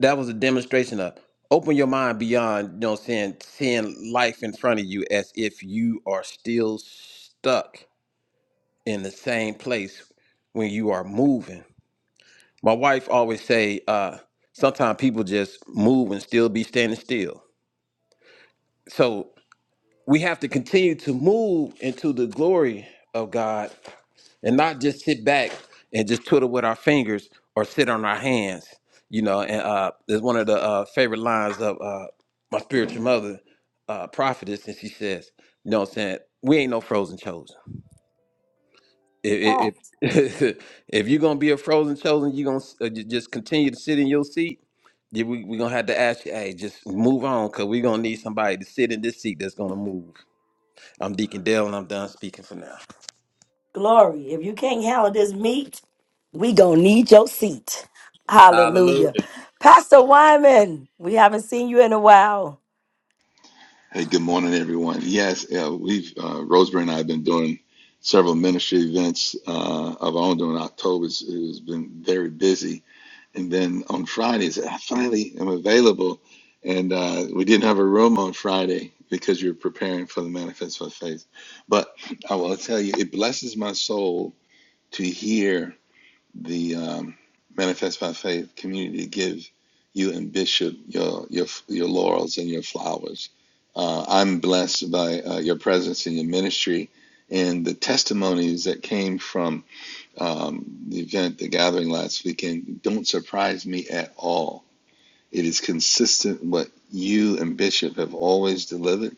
that was a demonstration of open your mind beyond, you know what I'm saying, seeing life in front of you as if you are still stuck in the same place when you are moving. My wife always say, uh, sometimes people just move and still be standing still. So we have to continue to move into the glory of God and not just sit back and just twiddle with our fingers or sit on our hands. You know, and uh, there's one of the uh, favorite lines of uh, my spiritual mother, uh, prophetess, and she says, "You know what I'm saying? We ain't no frozen chosen. If if, if if you're gonna be a frozen chosen, you're gonna uh, just continue to sit in your seat. Then we we gonna have to ask you, hey, just move on, cause we gonna need somebody to sit in this seat that's gonna move." I'm Deacon Dale, and I'm done speaking for now. Glory. If you can't handle this meat. We gonna need your seat. Hallelujah. Hallelujah. Pastor Wyman, we haven't seen you in a while. Hey, good morning, everyone. Yes, uh, we've uh, Roseberry and I have been doing several ministry events uh, of our own during October. It's, it's been very busy, and then on Fridays, I finally am available. And uh, we didn't have a room on Friday because you're preparing for the manifest for faith. But I will tell you, it blesses my soul to hear the um, Manifest by Faith community to give you and Bishop your your your laurels and your flowers. Uh, I'm blessed by uh, your presence and your ministry and the testimonies that came from um, the event, the gathering last weekend. Don't surprise me at all it is consistent what you and Bishop have always delivered.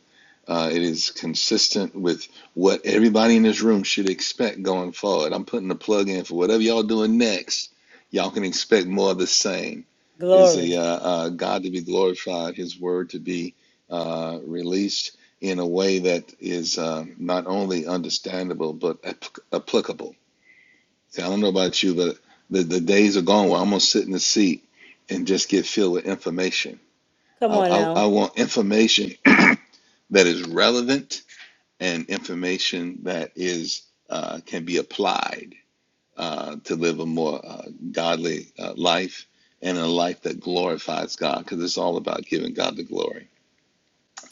Uh, it is consistent with what everybody in this room should expect going forward. I'm putting a plug in for whatever y'all doing next. Y'all can expect more of the same. Is Glory. the uh, uh, God to be glorified, His word to be uh, released in a way that is uh, not only understandable but ap- applicable. See, I don't know about you, but the, the days are gone where I'm gonna sit in the seat and just get filled with information Come I, on I, now. I want information that is relevant and information that is uh, can be applied uh, to live a more uh, godly uh, life and a life that glorifies God because it's all about giving God the glory.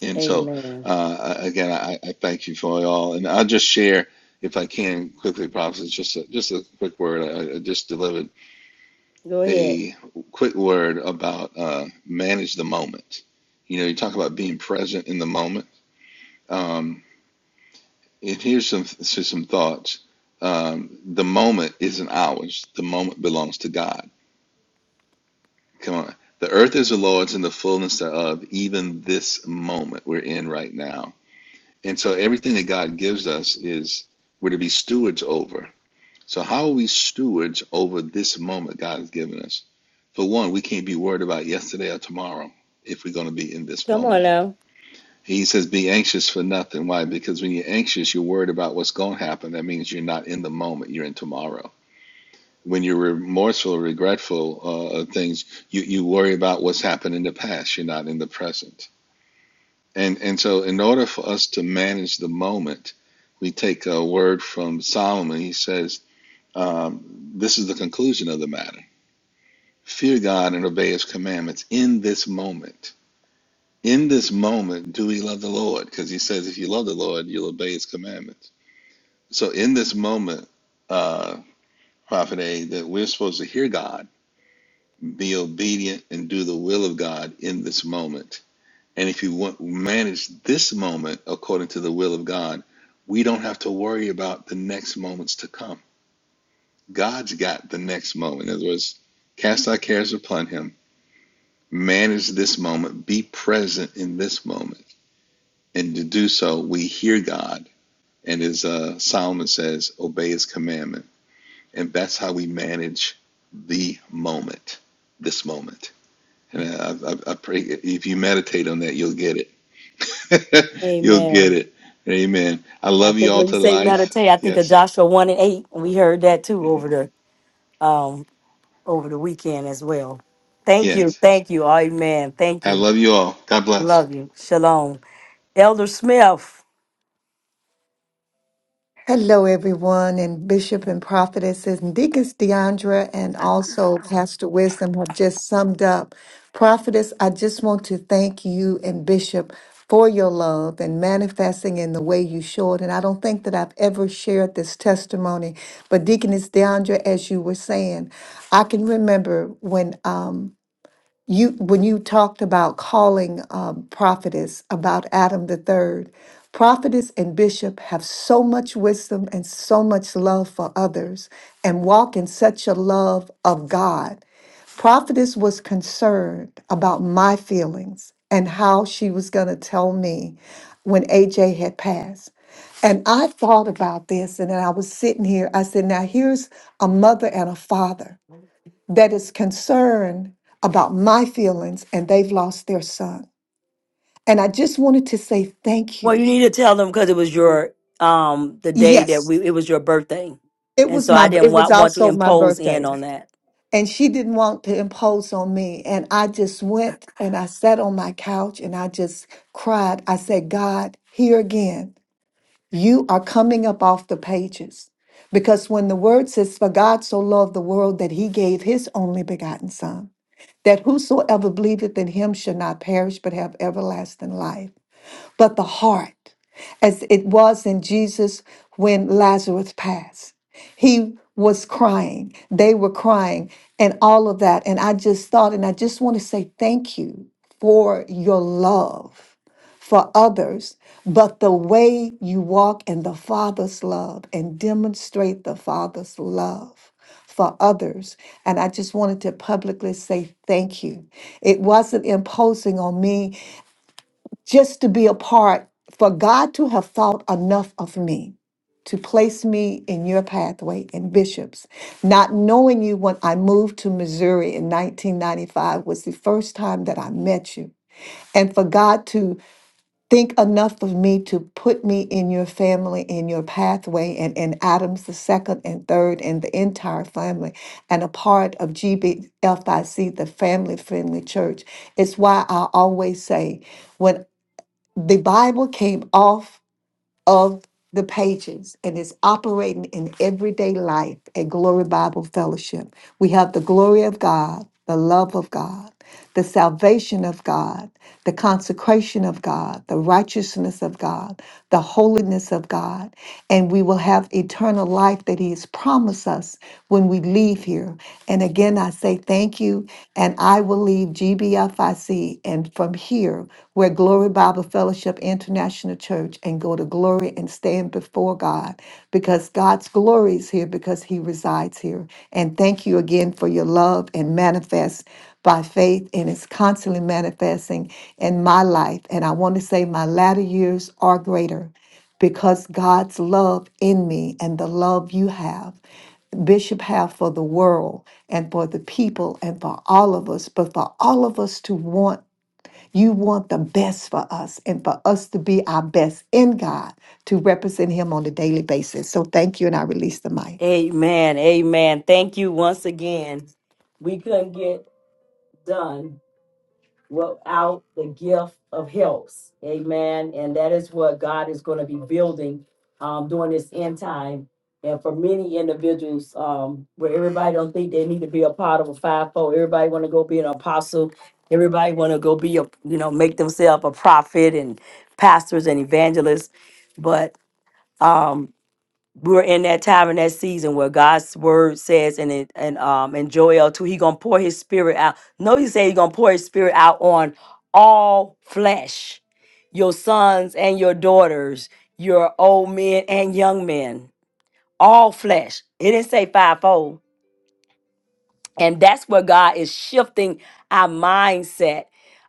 And so, Amen. uh, again, I, I thank you for it all. And I'll just share, if I can, quickly, Prophet, just a, just a quick word. I, I just delivered Go ahead. a quick word about uh, manage the moment. You know, you talk about being present in the moment Um, and here's some so some thoughts. Um, the moment isn't ours. The moment belongs to God. Come on. The earth is the Lord's and the fullness thereof, even this moment we're in right now. And so everything that God gives us is we're to be stewards over. So how are we stewards over this moment God has given us? For one, we can't be worried about yesterday or tomorrow if we're going to be in this Come moment. on now. He says, be anxious for nothing. Why? Because when you're anxious, you're worried about what's going to happen. That means you're not in the moment, you're in tomorrow. When you're remorseful, regretful uh, of things, you, you worry about what's happened in the past, you're not in the present. And, and so, in order for us to manage the moment, we take a word from Solomon. He says, um, This is the conclusion of the matter fear God and obey his commandments in this moment in this moment, do we love the Lord? Because he says, if you love the Lord, you'll obey his commandments. So in this moment, uh, Prophet A, that we're supposed to hear God, be obedient, and do the will of God in this moment. And if you want, manage this moment according to the will of God, we don't have to worry about the next moments to come. God's got the next moment. In other words, cast our cares upon him. Manage this moment. Be present in this moment. And to do so, we hear God And as uh, Solomon says, obey his commandment. And that's how we manage the moment, this moment. And I, I, I pray if you meditate on that, you'll get it. you'll get Amen. it. Amen. I I love you think all when you to say life. meditate, I think of Yes. Joshua one and eight, and we heard that too over the um over the weekend as well. Thank you, Yes. thank you, Amen. Thank I you, love you all. God bless. love you, Shalom, Elder Smith. Hello, everyone, and Bishop and Prophetesses and Deacons Deandra and also Pastor Wisdom have just summed up. Prophetess, I just want to thank you and Bishop for your love and manifesting in the way you showed. And I don't think that I've ever shared this testimony, but Deaconess Deandra, as you were saying, I can remember when. Um, you when you talked about calling um, prophetess about adam the third prophetess and bishop have so much wisdom and so much love for others and walk in such a love of god prophetess was concerned about my feelings and how she was going to tell me when aj had passed and i thought about this and then i was sitting here i said now here's a mother and a father that is concerned about my feelings and they've lost their son. And I just wanted to say thank Well, you. you need to tell them because it was your um the day that Yes, we it was your birthday, it and was so I my didn't it wa- was want to also my impose birthday. in on that. And she didn't want to impose on me. And I just went and I sat on my couch and I just cried. I said, God, here again, you are coming up off the pages. Because when the word says, For God so loved the world that he gave his only begotten son, that whosoever believeth in him shall not perish but have everlasting life but the heart, as it was in Jesus when Lazarus passed. He was crying, they were crying, and all of that. And I just thought, and I just want to say thank you for your love for others, but the way you walk in the Father's love and demonstrate the Father's love for others. And I just wanted to publicly say thank you. It wasn't imposing on me just to be a part, for God to have thought enough of me to place me in your pathway in bishops. Not knowing you when I moved to Missouri in 1995 was the first time that I met you. And for God to think enough of me to put me in your family, in your pathway, and in Adams the second and third, and the entire family, and a part of GBFIC, the family friendly church. It's why I always say, when. The Bible came off of the pages and is operating in everyday life at Glory Bible Fellowship. We have the glory of God, the love of God, the salvation of God, the consecration of God, the righteousness of God, the holiness of God, and we will have eternal life that He has promised us when we leave here. And again, I say thank Thank you. And I will leave GBFIC and from here, we're Glory Bible Fellowship International Church, and go to glory and stand before God because God's glory is here because He resides here. And thank you again for your love and manifest by faith, and it's constantly manifesting in my life. And I want to say my latter years are greater because God's love in me and the love you have. Bishop have for the world and for the people and for all of us, but for all of us to want, you want the best for us and for us to be our best in God to represent Him on a daily basis. So thank you, and I release the mic. Amen. Amen. Thank you once again. We couldn't get done. without the gift of helps. Amen. And that is what God is going to be building um, during this end time. And for many individuals, um, where everybody don't think they need to be a part of a fivefold, everybody want to go be an apostle. Everybody want to go be a you know make themselves a prophet and pastors and evangelists, but um, we're in that time and that season where God's word says and it and um and Joel too, he gonna pour his spirit out. No, he said he gonna pour his spirit out on all flesh, your sons and your daughters, your old men and young men, all flesh. It didn't say fivefold and that's where God is shifting our mindset.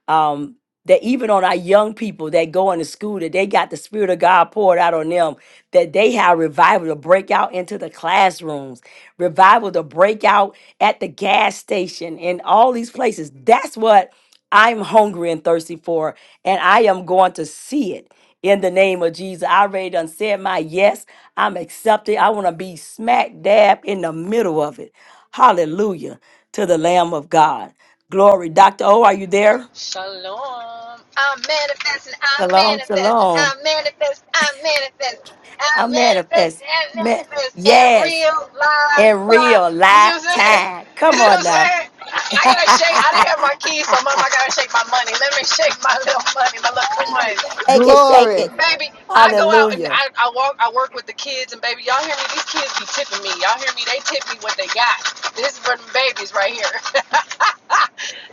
Um, that even on our young people that go into school, that they got the spirit of God poured out on them, that they have revival to break out into the classrooms, revival to break out at the gas station and all these places. That's what I'm hungry and thirsty for. And I am going to see it in the name of Jesus. I already done said my yes. I'm accepted. I want to be smack dab in the middle of it. Hallelujah to the Lamb of God. Glory. Dr. O, are you there? Shalom. I'm manifesting. I'm Shalom, manifesting. shalom. I'm manifesting. I'm manifesting. I'm I manifesting. manifest. I'm Man, manifesting. And yes, real live in cry. real You see life what I'm saying? time. You Come see on what I'm now. saying? shake I gotta shake. I didn't have my keys, so mom, I gotta shake my money. Let me shake my little money, my little coins. it, shake Glory. it. Baby, I go out and Hallelujah. I, I walk I work with the kids and baby, y'all hear me? These kids be tipping me. Y'all hear me? They tip me what they got. This is for them babies right here.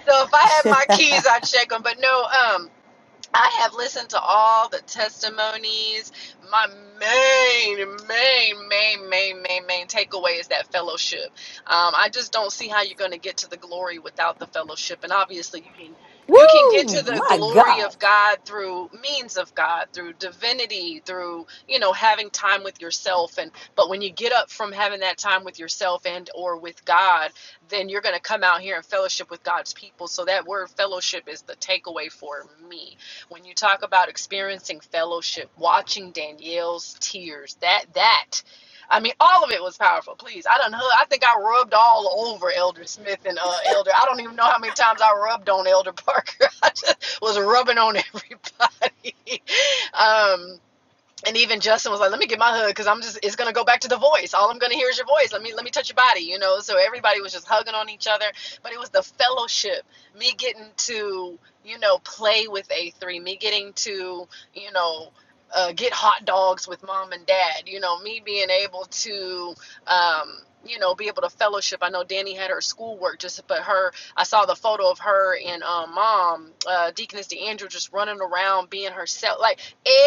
so if I had my keys, I'd check them. But no, um, I have listened to all the testimonies. My main, main, main, main, main, main takeaway is that fellowship. Um, I just don't see how you're going to get to the glory without the fellowship. And obviously, you can you can get Woo! to the My glory God. of God through means of God, through divinity, through you know having time with yourself. And but when you get up from having that time with yourself and or with God, then you're going to come out here and fellowship with God's people. So that word fellowship is the takeaway for me when you talk about experiencing fellowship, watching Danielle's tears, that that I mean, all of it was powerful. Please, I don't know I think I rubbed all over Elder Smith and uh, Elder. I don't even know how many times I rubbed on Elder Parker. I just was rubbing on everybody. um, and even Justin was like, "Let me get my hug because I'm just it's gonna go back to the voice. All I'm gonna hear is your voice. Let me let me touch your body, you know." So everybody was just hugging on each other, but it was the fellowship, me getting to you know play with A3, me getting to you know. Uh, get hot dogs with mom and dad. You know, me being able to, um, you know, be able to fellowship. I know Danny had her schoolwork just, but her, I saw the photo of her and um, mom, uh, Deaconess DeAndrew, just running around being herself. Like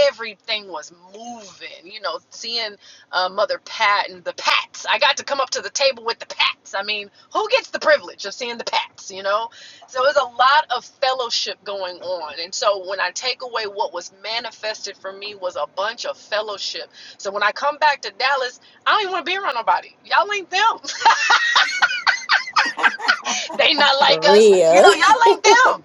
everything was moving. You know, seeing uh, Mother Pat and the Pats. I got to come up to the table with the Pats. I mean, who gets the privilege of seeing the Pats? You know, so there's a lot of fellowship going on. And so when I take away what was manifested for me was a bunch of fellowship. So when I come back to Dallas, I don't even want to be around nobody. Y'all ain't them. they not like for us. You real know, y'all ain't them.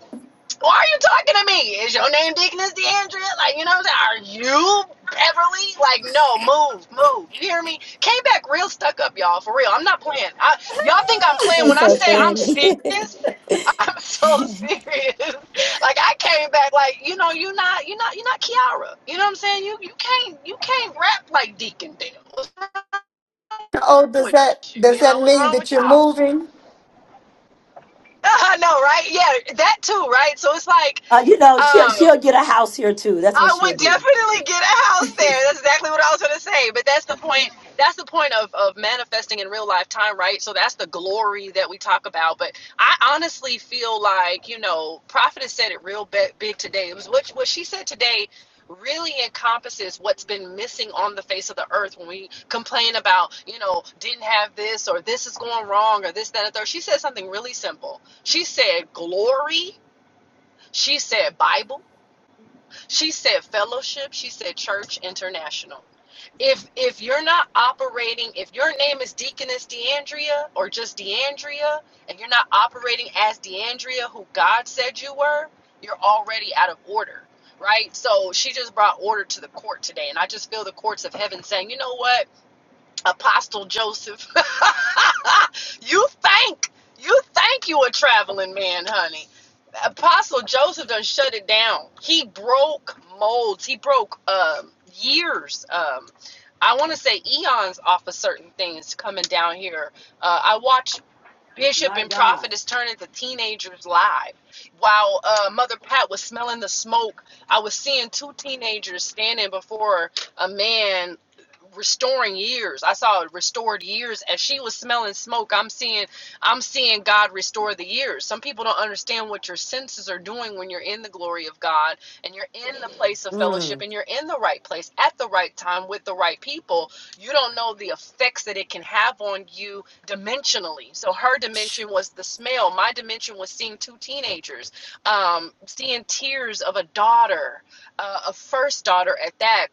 Why are you talking to me? Is your name Deaconess DeAndrea? Like, you know what I'm saying? Are you Beverly? Like, no, move, move. You hear me? Came back real stuck up, y'all, for real. I'm not playing. I, y'all think I'm playing when that's I so say I'm funny serious? I'm so serious. Like I came back like, you know, you're not you're not you're not Kiara. You know what I'm saying? You you can't you can't rap like Deacon Dale. What's Oh, wrong does with that you? does You know, that what's mean wrong that with you're y'all? moving? I know, right? Yeah, that too, right? So it's like, Uh, you know, she'll, um, she'll get a house here too. That's what I she'll would do. definitely get a house there. That's exactly what I was going to say. But that's the point. That's the point of, of manifesting in real life time, right? So that's the glory that we talk about. But I honestly feel like, you know, Prophet has said it real big today. It was what, what she said today really encompasses what's been missing on the face of the earth when we complain about, you know, didn't have this or this is going wrong or this, that, and the third. She said something really simple. She said glory. She said Bible. She said fellowship, she said church international. If if you're not operating, if your name is Deaconess DeAndrea or just DeAndrea, and you're not operating as DeAndrea who God said you were, you're already out of order. Right? So she just brought order to the court today. And I just feel the courts of heaven saying, you know what? Apostle Joseph. you think you think you a traveling man, honey. Apostle Joseph done shut it down. He broke molds. He broke um, years. Um, I want to say eons off of certain things coming down here. Uh, I watched Bishop My and God. Prophet is turning to teenagers live. While uh, Mother Pat was smelling the smoke, I was seeing two teenagers standing before a man restoring years. I saw restored years as she was smelling smoke. I'm seeing I'm seeing God restore the years. Some people don't understand what your senses are doing when you're in the glory of God and you're in the place of fellowship Mm, and you're in the right place at the right time with the right people. You don't know the effects that it can have on you dimensionally. So her dimension was the smell. My dimension was seeing two teenagers, um, seeing tears of a daughter, uh, a first daughter at that.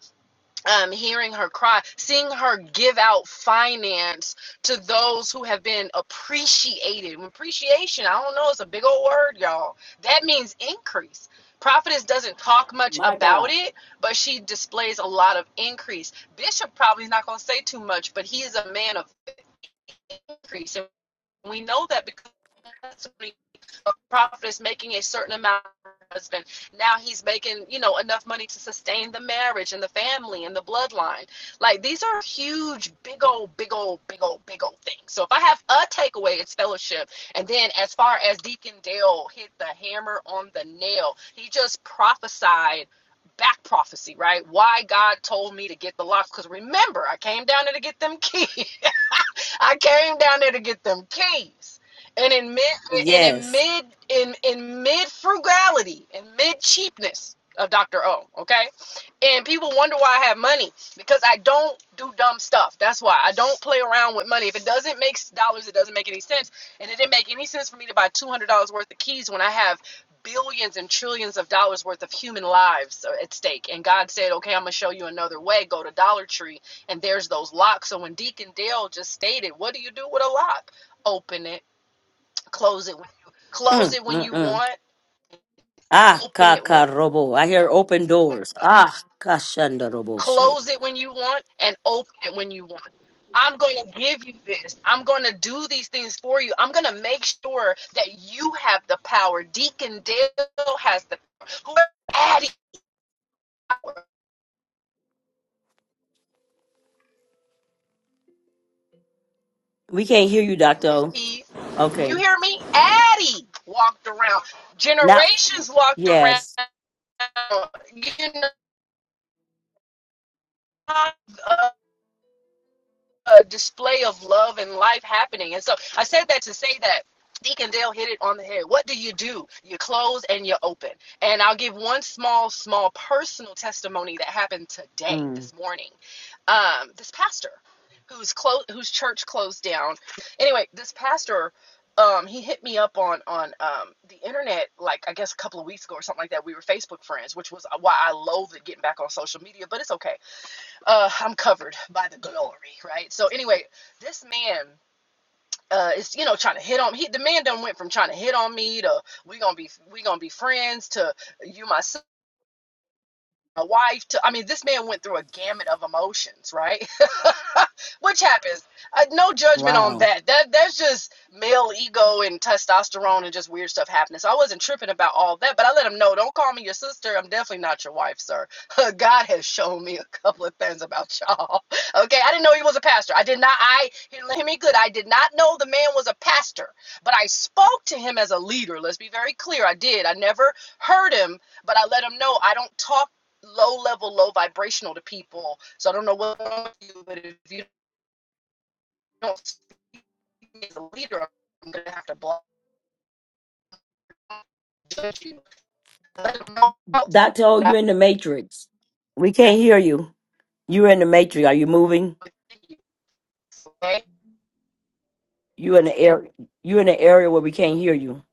Um, hearing her cry, seeing her give out finance to those who have been appreciated. Appreciation, I don't know, it's a big old word, y'all. That means increase. Prophetess doesn't talk much my about God. it, but she displays a lot of increase. Bishop probably is not going to say too much, but he is a man of increase. And we know that because a prophet is making a certain amount of husband. Now he's making, you know, enough money to sustain the marriage and the family and the bloodline. Like these are huge, big old, big old, big old, big old things. So if I have a takeaway, it's fellowship. And then as far as Deacon Dale hit the hammer on the nail, he just prophesied back prophecy, right? Why God told me to get the locks. Because remember, I came down there to get them keys. I came down there to get them keys. And in mid and in Yes. mid in in mid frugality and mid cheapness of Dr. O, okay? And people wonder why I have money because I don't do dumb stuff. That's why I don't play around with money. If it doesn't make dollars, it doesn't make any sense. And it didn't make any sense for me to buy $200 worth of keys when I have billions and trillions of dollars worth of human lives uh, at stake. And God said, "Okay, I'm going to show you another way. Go to Dollar Tree and there's those locks. So when Deacon Dale just stated, what do you do with a lock? Open it, close it when you close Mm, it when mm, you mm. want, Ah, open it when kakarobo. I hear open doors. Ah, kashanda robo shit. close it when you want, and open it when you want. I'm going to give you this. I'm going to do these things for you. I'm going to make sure that you have the power. Deacon Dale has the power. whoever Addie, We can't hear you, Doctor. O. Okay. you hear me? Addie walked around. Now, Generations walked around. yes. You know, uh, a display of love and life happening. And so I said that to say that Deacon Dale hit it on the head. What do you do? You close and you open. And I'll give one small, small personal testimony that happened today, Mm, this morning. Um, this pastor whose close whose church closed down. Anyway, this pastor um, he hit me up on on um, the internet like I guess a couple of weeks ago or something like that. We were Facebook friends, which was why I loathed getting back on social media, but it's okay uh, I'm covered by the glory, right? So anyway, this man uh, is you know trying to hit on he the man done went from trying to hit on me to we gonna be we gonna be friends to you my a wife to i mean this man went through a gamut of emotions right which happens uh, no judgment on wow. that that that's just male ego and testosterone and just weird stuff happening so i wasn't tripping about all that but i let him know don't call me your sister i'm definitely not your wife sir god has shown me a couple of things about y'all okay i didn't know he was a pastor i did not i hear me good i did not know the man was a pastor but i spoke to him as a leader let's be very clear i did i never heard him but I let him know I don't talk low level, low vibrational to people. So I don't know what, you, but if you don't speak as a leader, I'm gonna have to block you. Let them know Doctor, O, you're in the matrix. We can't hear you. You're in the matrix. Are you moving? Okay, You in the air. You in the area where we can't hear you.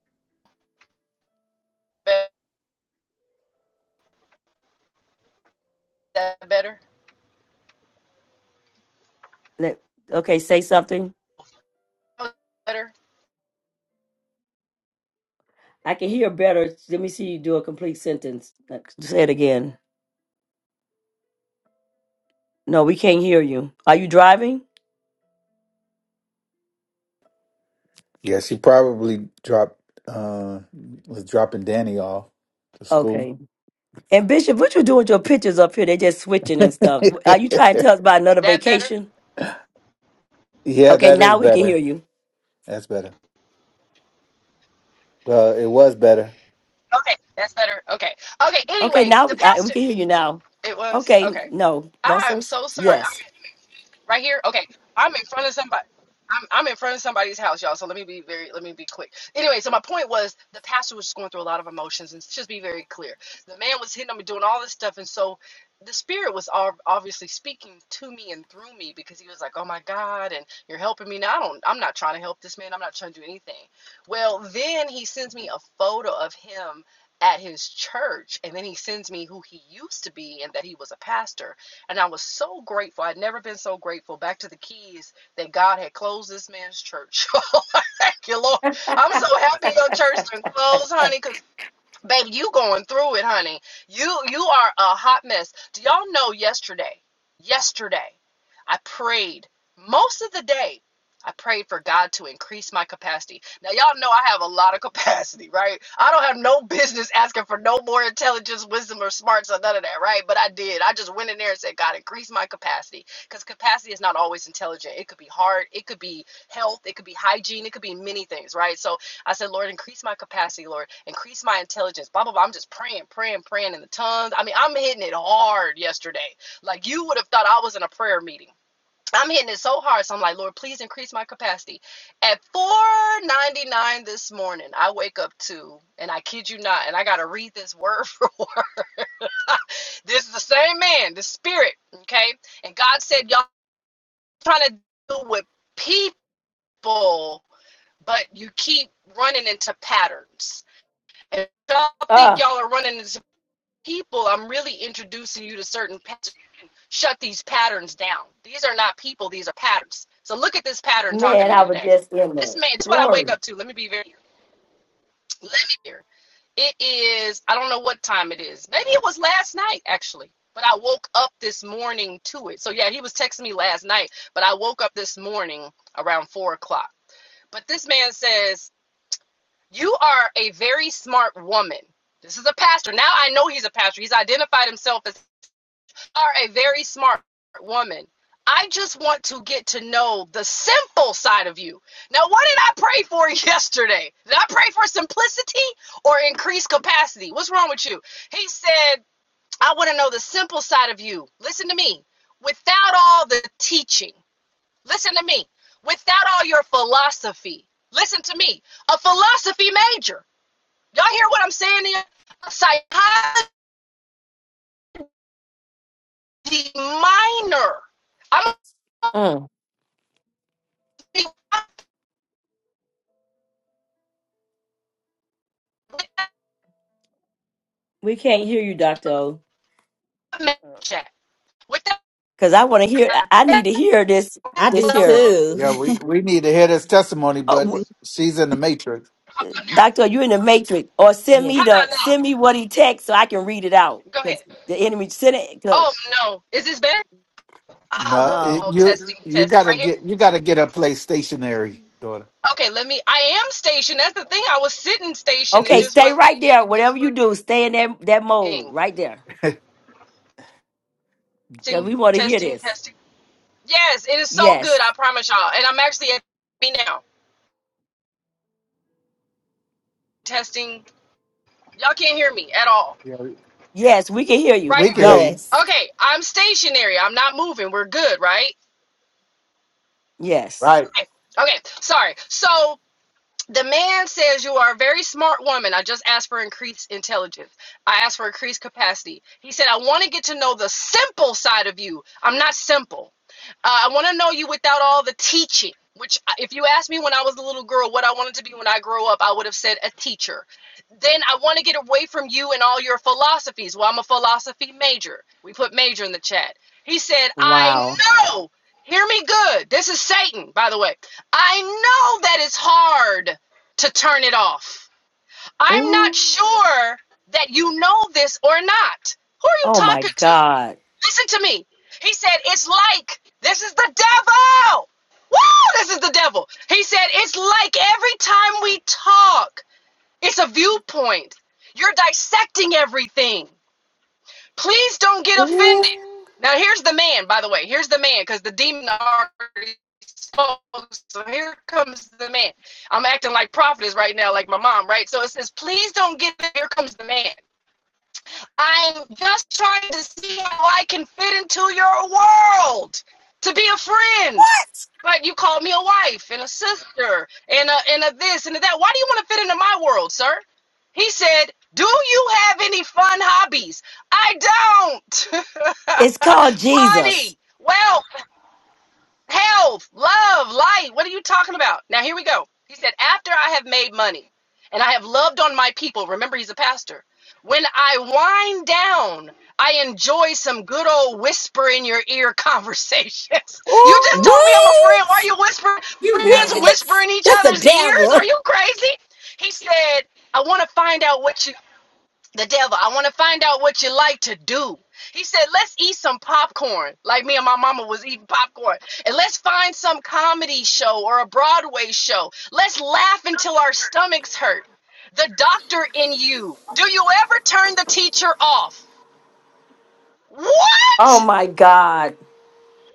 that better? Let, okay, say something. Better? I can hear better. Let me see you do a complete sentence. Like, Say it again. No, we can't hear you. Are you driving? Yes, he probably dropped uh was dropping Danny off to school. Okay. And Bishop, what you doing with your pictures up here? They just switching and stuff. Are you trying to tell us about another That better? vacation? yeah, Okay, that is now we can better. hear you. That's better. Uh, it was better. Okay, that's better. Okay, okay. Okay, Anyway, now the we, I, we pastor. can hear you now. It was Okay, okay. no, don't I am say so. so sorry. Yes. Right here? Okay. I'm in front of somebody. I'm, I'm in front of somebody's house, y'all. So let me be very, let me be quick. Anyway, so my point was the pastor was just going through a lot of emotions, and just be very clear. The man was hitting on me, doing all this stuff, and so the spirit was ob- obviously speaking to me and through me because he was like, "Oh my God, and you're helping me now. I don't, I'm not trying to help this man. I'm not trying to do anything." Well, then he sends me a photo of him at his church, and then he sends me who he used to be and that he was a pastor and I was so grateful. I'd never been so grateful back to the keys that God had closed this man's church. Thank you, Lord. I'm so happy your church done closed, honey, 'cause Baby, you going through it, honey. You you are a hot mess. Do y'all know yesterday? Yesterday, I prayed most of the day. I prayed for God to increase my capacity. Now y'all know I have a lot of capacity, right? I don't have no business asking for no more intelligence, wisdom, or smarts or none of that, right? But I did. I just went in there and said, God, increase my capacity. Because capacity is not always intelligent. It could be hard, it could be health, it could be hygiene, it could be many things, right? So I said, Lord, increase my capacity, Lord, increase my intelligence, blah, blah, blah. I'm just praying, praying, praying in the tongues. I mean, I'm hitting it hard yesterday. Like you would have thought I was in a prayer meeting. I'm hitting it so hard. So I'm like, Lord, please increase my capacity. At 499 this morning, I wake up to, and I kid you not, and I gotta read this word for word. this is the same man, the spirit, okay? And God said, Y'all trying to deal with people, but you keep running into patterns if y'all think Oh, y'all are running into people, I'm really introducing you to certain patterns. Shut these patterns down. These are not people, these are patterns. So look at this pattern talking man, to I me was today. just in This love. man, this is what I wake Glory. up to. Let me be very, let me hear. It is, I don't know what time it is. Maybe it was last night, actually. But I woke up this morning to it. So yeah, he was texting me last night, but I woke up this morning around four o'clock. But this man says, you are a very smart woman. This is a pastor. Now I know he's a pastor. He's identified himself as "You are a very smart woman. I just want to get to know the simple side of you. Now, what did I pray for yesterday? Did I pray for simplicity or increased capacity? What's wrong with you? He said, I want to know the simple side of you. Listen to me. Without all the teaching, listen to me. Without all your philosophy, listen to me. A philosophy major. Y'all hear what I'm saying? Here? A psychology minor. I'm Mm. going with that We can't hear you, Dr. O, med check. With that because I want to hear, I I need to hear this, I do this here. too. Yeah, we, we need to hear this testimony, Uh, but wh- she's in the matrix. Dr. O, you in the matrix. Or send yeah me how the, about now? send me what he text so I can read it out. Go Because ahead. the enemy sent it. Oh no. Is this better? Ah, oh, No, look it, oh, you testing you test gotta right here. get you gotta get her place stationary, daughter. Okay, let me I am stationed. That's the thing. I was sitting stationed. It Okay, just stay wasn't right there. Whatever you do, stay in that, that mode thing. right there. Because Testing, we want to hear testing, this. testing. Yes, it is so Yes. good, I promise y'all. And I'm actually at me now. Testing. Y'all can't hear me at all. yeah, Yes, we can hear you. Right we can here. hear Go. you. Yes. Okay, I'm stationary. I'm not moving. We're good, right? Yes. Right. Okay, okay, sorry. So the man says you are a very smart woman. I just asked for increased intelligence. I asked for increased capacity. He said, I want to get to know the simple side of you. I'm not simple. Uh, I want to know you without all the teaching, which, uh, if you asked me when I was a little girl what I wanted to be when I grow up, I would have said a teacher. Then I want to get away from you and all your philosophies. Well, I'm a philosophy major. We put major in the chat. He said, I Wow. know. Hear me good. This is Satan, by the way. I know that it's hard to turn it off. I'm not Ooh. sure that you know this or not. Who are you Oh my talking to? God. Listen to me. He said, It's like this is the devil. Woo, this is the devil. He said, It's like every time we talk, it's a viewpoint. You're dissecting everything. Please don't get Ooh. offended. Now here's the man, by the way. Here's the man, because the demon already spoke. So here comes the man. I'm acting like prophetess right now, like my mom, right? So it says, please don't get here comes the man. I'm just trying to see how I can fit into your world to be a friend. But you called me a wife and a sister and a and a this and a that. Why do you want to fit into my world, sir? He said, "Do you have any fun hobbies?" I don't. It's called Jesus. Money, wealth health, love, light. What are you talking about? Now, here we go. He said, After I have made money and I have loved on my people, remember he's a pastor. When I wind down, I enjoy some good old whisper in your ear conversations. You just Ooh. told me I'm a what friend. Why are you whispering? You- Friends what whisper in each that's the other's ears? Are devil you crazy? He said, I want to find out what you the devil, I want to find out what you like to do. He said, let's eat some popcorn, like me and my mama was eating popcorn. And let's find some comedy show or a Broadway show. Let's laugh until our stomachs hurt. The doctor in you. Do you ever turn the teacher off? Oh What? my God.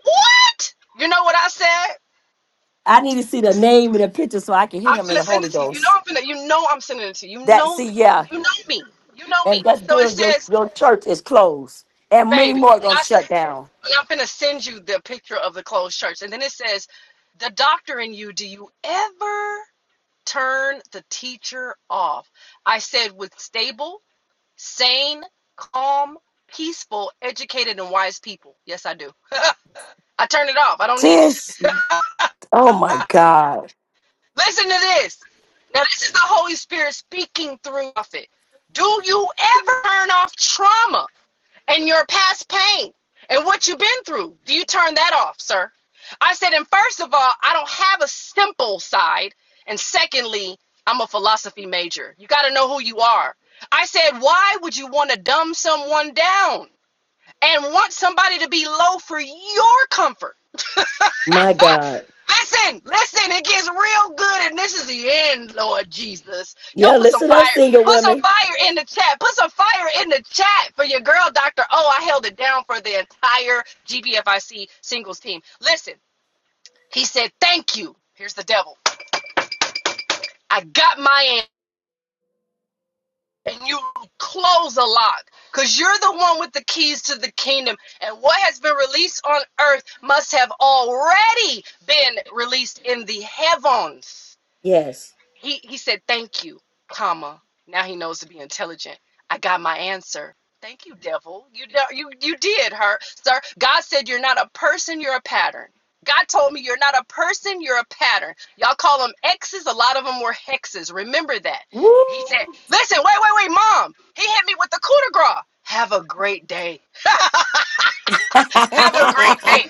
What? You know what I said? I need to see the name and the picture so I can hit I'm him in gonna the send Holy it to you. You know Ghost. I'm gonna you know I'm sending it to you. You That know see, the. yeah. you know me. You know And me. that's So it good. Your says your church is closed. And many baby. more are gonna I said, shut down. I'm gonna send you the picture of the closed church, and then it says, "The doctor in you. Do you ever turn the teacher off?" I said, "With stable, sane, calm, peaceful, educated, and wise people. Yes, I do. I turn it off. I don't need it. This oh my God. Listen to this. Now, this is the Holy Spirit speaking through prophet. Do you ever turn off trauma? and your past pain and what you've been through. Do you turn that off, sir? I said, and first of all, I don't have a simple side. And secondly, I'm a philosophy major. You got to know who you are. I said, why would you want to dumb someone down and want somebody to be low for your comfort? My God. Listen, listen, it gets real good, and this is the end, Lord Jesus. Y'all Yeah, put some listen up, fire, single put some women. fire in the chat, put some fire in the chat for your girl, Dr. O. I held it down for the entire GBFIC singles team. Listen, he said, Thank you. Here's the devil. I got my end, and you close a lock because you're the one with the keys to the kingdom, and what has been released on earth must have already been released in the heavens. Yes. He he said, "Thank you, comma. Now he knows to be intelligent. I got my answer. Thank you, devil. You do- you you did her, sir. God said you're not a person, you're a pattern. God told me you're not a person, you're a pattern. Y'all call them X's. A lot of them were hexes. Remember that. Woo! He said, "Listen, wait, wait, wait, mom. He hit me with the coup de grace. Have a great day. Come Have a great day.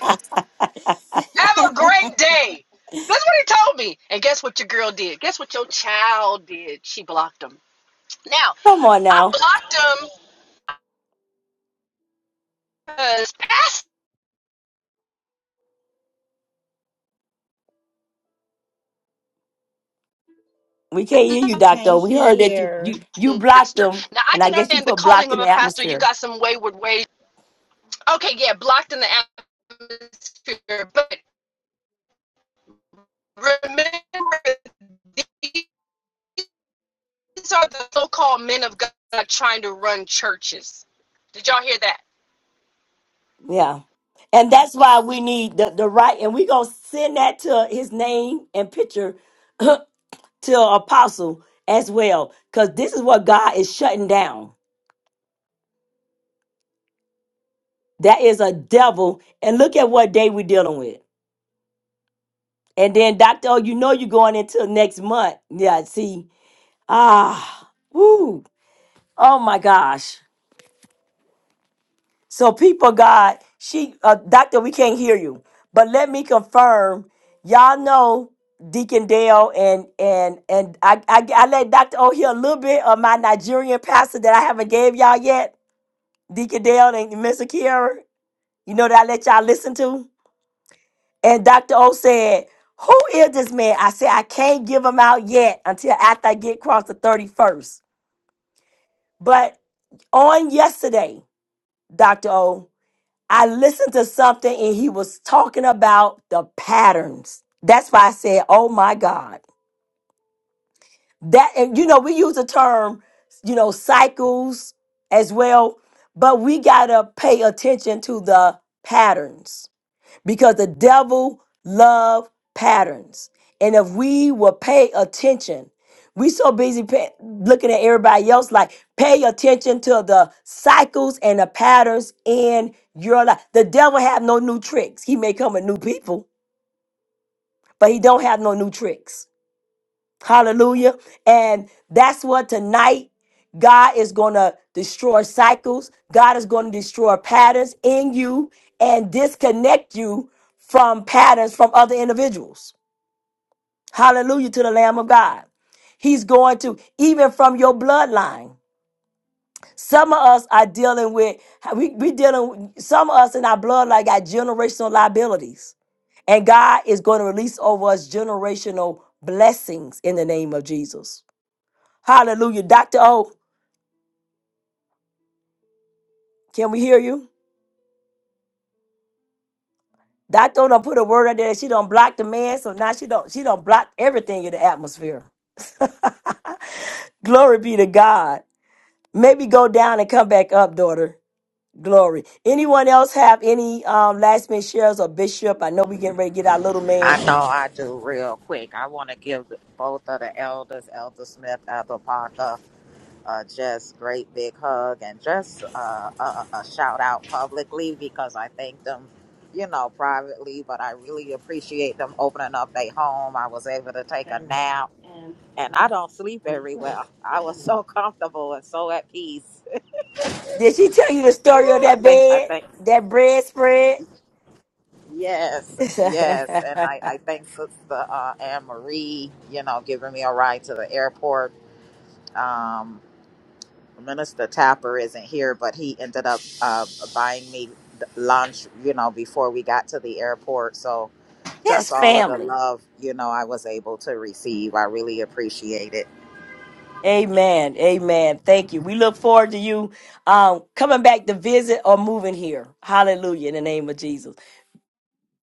Have a great day. That's what he told me. And guess what your girl did? Guess what your child did? She blocked him. Now, on I now. blocked him because pastor. We can't hear you, We can't Doctor. We heard that you, hear. you you blocked pastor. them, Now, I and I can guess you understand the put calling blocked of in the a pastor. You atmosphere. got some wayward ways. Okay, yeah, blocked in the atmosphere. But remember, these are the so called men of God trying to run churches. Did y'all hear that? Yeah. And that's why we need the, the right, and we're going to send that to his name and picture to Apostle as well, because this is what God is shutting down. That is a devil. And look at what day we're dealing with. And then, Doctor, oh, you know you're going into next month. Yeah, see, Ah, woo. Oh my gosh. So, people, of God, she, uh, doctor, we can't hear you. But let me confirm, y'all know Deacon Dale and and and I, I, I let Doctor O hear a little bit of my Nigerian pastor that I haven't gave y'all yet, Deacon Dale and Mr. Kiara. You know that I let y'all listen to. And Doctor O said, "Who is this man?" I said, "I can't give him out yet until after I get across the thirty-first." But on yesterday. Dr. O, I listened to something and he was talking about the patterns. That's why I said, oh my God. That, and you know, we use the term, you know, cycles as well, but we got to pay attention to the patterns because the devil love patterns and if we will pay attention we so busy pay, looking at everybody else like pay attention to the cycles and the patterns in your life the devil have no new tricks he may come with new people but he don't have no new tricks Hallelujah. And that's what tonight God is going to destroy cycles. God is going to destroy patterns in you and disconnect you from patterns from other individuals. Hallelujah to the Lamb of God. He's going to, even from your bloodline. Some of us are dealing with, we, we dealing, some of us in our bloodline got generational liabilities. And God is going to release over us generational blessings in the name of Jesus. Hallelujah. Dr. O, can we hear you? Dr. O done put a word out there that she don't block the man, so now she don't she don't block everything in the atmosphere. Glory be to God. Maybe go down and come back up, daughter. Glory. Anyone else have any um, last minute shares or bishop? I know we getting ready to get our little I man. know I do real quick. I want to give both of the elders, Elder Smith, Elder Parker. uh, just great big hug and just uh, a, a shout out publicly because I thank them, you know, privately, but I really appreciate them opening up their home. I was able to take a nap and I don't sleep very well. I was so comfortable and so at peace. Did she tell you the story of I that think, I bed, think, that bread spread? yes, yes. And I, That's I thank Sister uh, Anne Marie, you know, giving me a ride to the airport. Um, Minister Tapper isn't here, but he ended up uh, buying me lunch, you know, before we got to the airport. So just all of the family. love, you know, I was able to receive. I really appreciate it. Amen. Amen. Thank you. We look forward to you um, coming back to visit or moving here. Hallelujah. In the name of Jesus.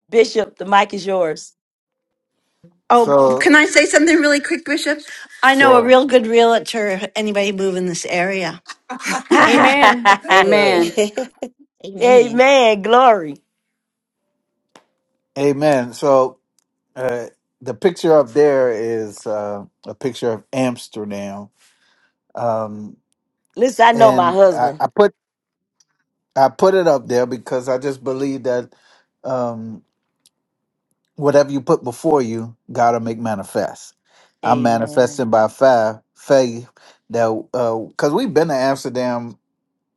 Bishop, the mic is yours. Oh, So can I say something really quick, Bishop? I know a sure. real good realtor, anybody move in this area. Amen. Amen. Good. Amen. Amen. Glory. Amen. So uh, the picture up there is uh, a picture of Amsterdam, um, Listen, I know my and I, husband. I put I put it up there because I just believe that. Um, whatever you put before you, God will make manifest. I'm manifesting Amen. by faith, faith that because we've been to Amsterdam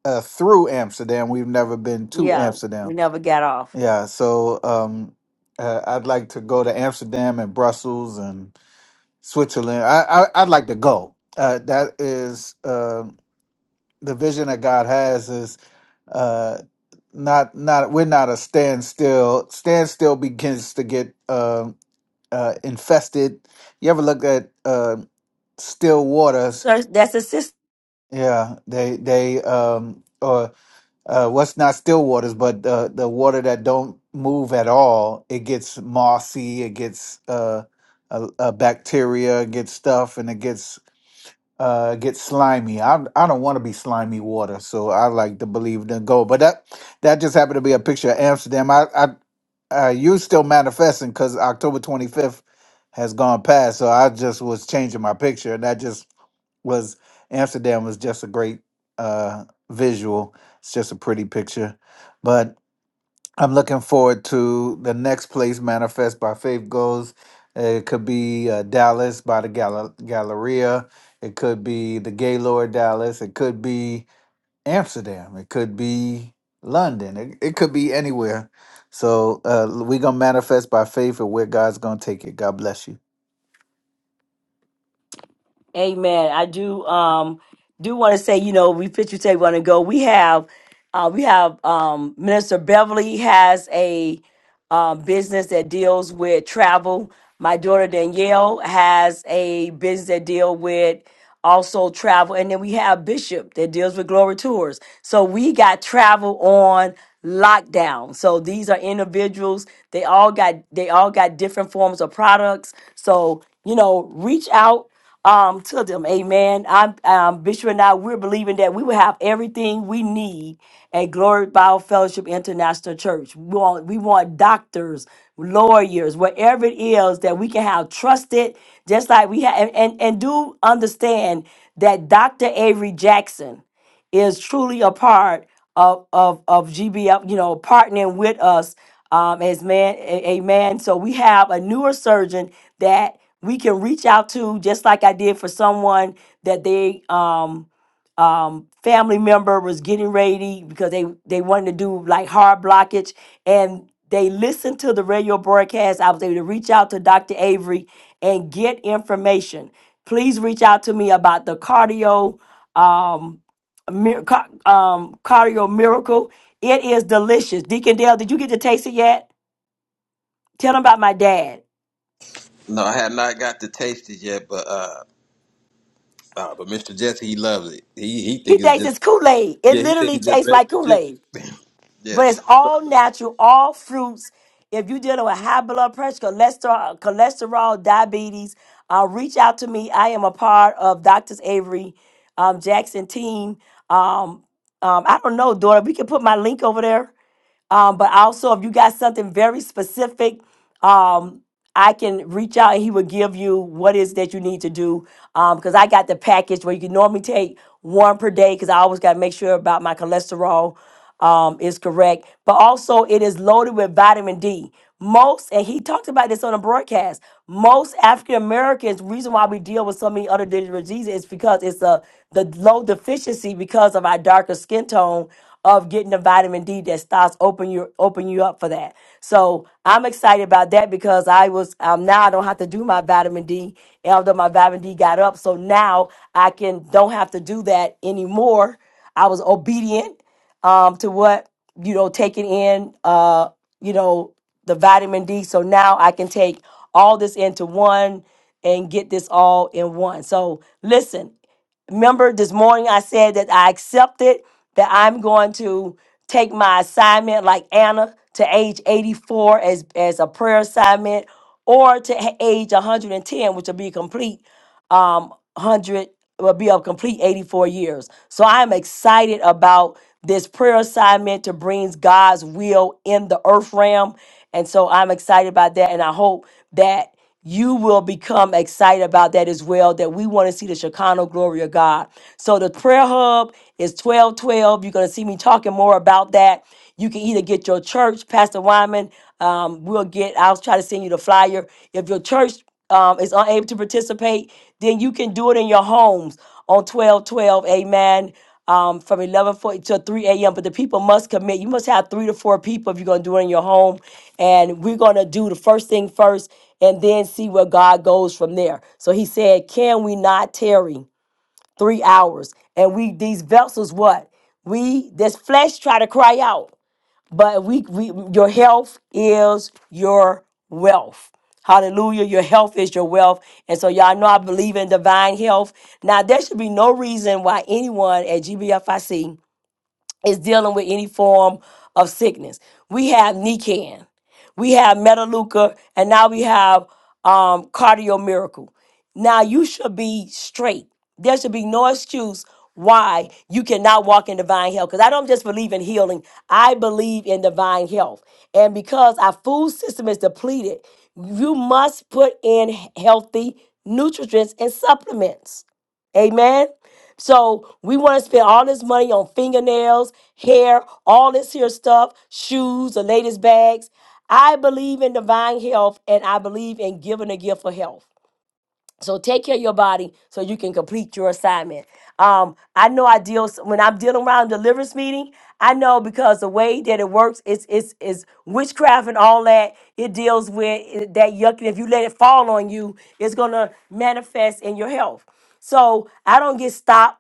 uh, through Amsterdam, we've never been to Yeah, Amsterdam. we never got off. Yeah, so um, uh, I'd like to go to Amsterdam and Brussels and Switzerland. I, I I'd like to go. Uh, that is uh, the vision that God has is uh, not not we're not a standstill. Standstill begins to get. uh, uh, infested. You ever look at uh, still waters? Sir, that's a sister. Yeah, they they um or uh, what's not still waters, but uh, the water that don't move at all. It gets mossy. It gets uh, a, a bacteria. It gets stuff, and it gets uh get slimy. I I don't want to be slimy water, so I like to believe in gold. But that that just happened to be a picture of Amsterdam. I I uh, you still manifesting because October twenty fifth has gone past, so I just was changing my picture, and that just was Amsterdam was just a great uh visual. It's just a pretty picture, but I'm looking forward to the next place Manifest by Faith goes. It could be uh, Dallas by the Gala- Galleria. It could be the Gaylord Dallas. It could be Amsterdam. It could be London. It, it could be anywhere. So uh, we're going to manifest by faith and where God's going to take it. God bless you. Amen. I do um do want to say, you know, we picture tape want to go. We have uh we have um Minister Beverly has a um business that deals with travel. My daughter Danielle has a business that deal with also travel. And then we have Bishop that deals with Glory Tours. So we got travel on lockdown. So these are individuals. They all got they all got different forms of products. So, you know, reach out um, to them. Amen. I'm um, Bishop and I, we're believing that we will have everything we need at Glory Bible Fellowship International Church. We want, we want doctors, lawyers, whatever it is that we can have trusted, just like we have and, and, and do understand that Dr. Avery Jackson is truly a part of of of GBF, you know, partnering with us um, as man, a- amen. So we have a newer surgeon that we can reach out to, just like I did for someone that they um um, family member was getting ready because they they wanted to do like hard blockage and they listened to the radio broadcast i was able to reach out to dr avery and get information please reach out to me about the cardio um, mir- ca- um, cardio miracle it is delicious deacon dale did you get to taste it yet tell him about my dad No, I have not got to taste it yet, but uh, uh but Mr. Jesse he loves it. He he he think it's thinks just it's kool-aid it yeah, he think literally it's just tastes like regular juice. kool-aid But Yes, it's all he natural, all fruits. If you're dealing with high blood pressure, cholesterol, cholesterol diabetes, uh, reach out to me. I am a part of Doctors Avery um, Jackson team. Um, um, I don't know, daughter. We can put my link over there um, but also, if you got something very specific, um, I can reach out and he will give you what is that you need to do. Um, because I got the package where you can normally take one per day because I always got to make sure about my cholesterol um, is correct. But also, it is loaded with vitamin D. Most, and he talked about this on a broadcast, most African Americans, reason why we deal with so many other diseases is because it's a, the low deficiency because of our darker skin tone of getting the vitamin D that starts open you open you up for that. So I'm excited about that because I was um, now I don't have to do my vitamin D after my vitamin D got up. So now I can don't have to do that anymore. I was obedient um, to what you know taking in uh, you know the vitamin D. So now I can take all this into one and get this all in one. So listen, Remember this morning I said that I accepted that I'm going to take my assignment like Anna to age 84 as as a prayer assignment or to ha- age 110 which will be complete um, 100 will be a complete 84 years. So I'm excited about this prayer assignment to bring God's will in the earth realm. And so I'm excited about that. And I hope that you will become excited about that as well. That we want to see the Shekinah glory of God. So the prayer hub is 1212. You're going to see me talking more about that. You can either get your church, Pastor Wyman. Um, we'll get, I'll try to send you the flyer. If your church um, is unable to participate, then you can do it in your homes on twelve twelve, amen. Um, from eleven forty to three a.m. But the people must commit. You must have three to four people if you're gonna do it in your home. And we're gonna do the first thing first, and then see where God goes from there. So He said, "Can we not tarry three hours?" And we these vessels, what we this flesh try to cry out but we, we your health is your wealth hallelujah your health is your wealth and so y'all know i believe in divine health now there should be no reason why anyone at gbfic is dealing with any form of sickness. We have Nican, we have Metaluca, and now we have um, Cardio Miracle. Now you should be straight. There should be no excuse why you cannot walk in divine health. Because I don't just believe in healing, I believe in divine health. And because our food system is depleted, you must put in healthy nutrients and supplements. Amen. So we want to spend all this money on fingernails, hair, all this here stuff, shoes, the latest bags. I believe in divine health and I believe in giving a gift for health. So take care of your body so you can complete your assignment. Um, I know I deal when I'm dealing around deliverance meeting. I know because the way that it works is is is witchcraft and all that. It deals with it- that yuck. and If you let it fall on you, it's gonna manifest in your health. So I don't get stopped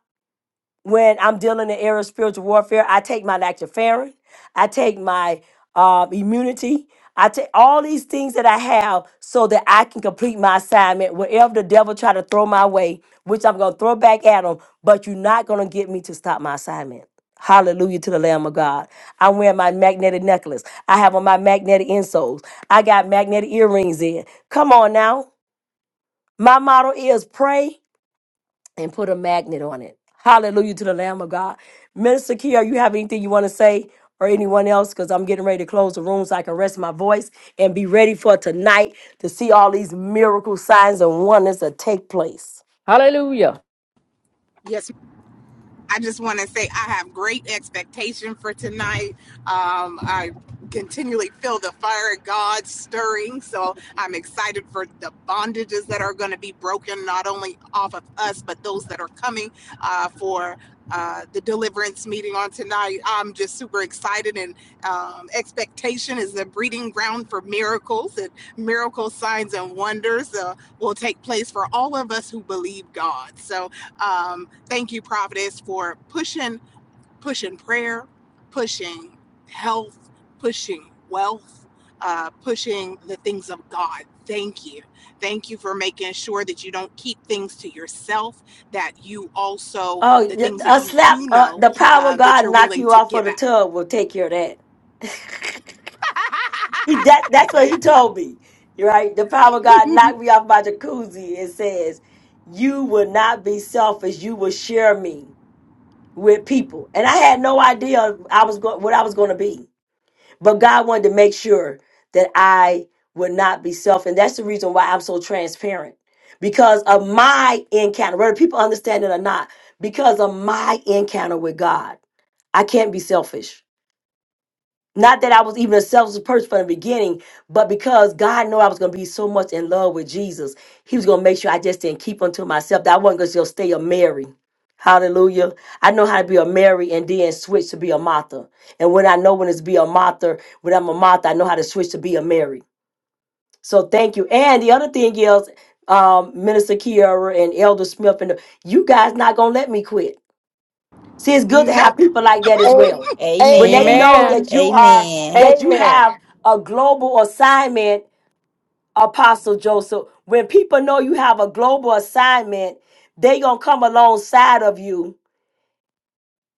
when I'm dealing in the era of spiritual warfare, I take my lactoferrin, I take my uh, immunity, I take all these things that I have so that I can complete my assignment. Wherever the devil try to throw my way, which I'm gonna throw back at him, but you're not gonna get me to stop my assignment. Hallelujah to the Lamb of God. I'm wearing my magnetic necklace. I have on my magnetic insoles. I got magnetic earrings in. Come on now. My motto is pray and put a magnet on it. Hallelujah to the Lamb of God. Minister Kier, you have anything you want to say or anyone else? Because I'm getting ready to close the room so I can rest my voice and be ready for tonight to see all these miracle signs and wonders that take place. Hallelujah. Yes, I just want to say I have great expectation for tonight. Um, I continually feel the fire of God stirring, so I'm excited for the bondages that are going to be broken, not only off of us, but those that are coming uh, for uh, the deliverance meeting on tonight. I'm just super excited, and um, expectation is the breeding ground for miracles, and miracle signs and wonders uh, will take place for all of us who believe God. So, um, Thank you, Providence, for pushing, pushing prayer, pushing health, pushing wealth, uh, pushing the things of God. Thank you. Thank you for making sure that you don't keep things to yourself, that you also, Oh, the yeah, things a that you slap! do Uh, know, the power of uh, that God you're knock willing you to off of give the tub will take care of that. out. He, that that's what he told me. Right? The power of God knocked me off my jacuzzi and says, "You will not be selfish. You will share me." with people. And I had no idea I was go- what I was going to be. But God wanted to make sure that I would not be self. And that's the reason why I'm so transparent because of my encounter, whether people understand it or not, because of my encounter with God. I can't be selfish. Not that I was even a selfish person from the beginning, but because God knew I was going to be so much in love with Jesus, He was going to make sure I just didn't keep unto myself. That I wasn't going to just stay a Mary. Hallelujah. I know how to be a Mary and then switch to be a Martha. And when I know when it's be a Martha, when I'm a Martha, I know how to switch to be a Mary. So thank you. And the other thing is, um, Minister Kiara and Elder Smith, and the, you guys not going to let me quit. See, it's good to have nope. people like that as A- well. When they Amen. know Amen. that Amen. you are Amen. that you Amen. have a global assignment, Apostle Joseph. When people know you have a global assignment, they gonna come alongside of you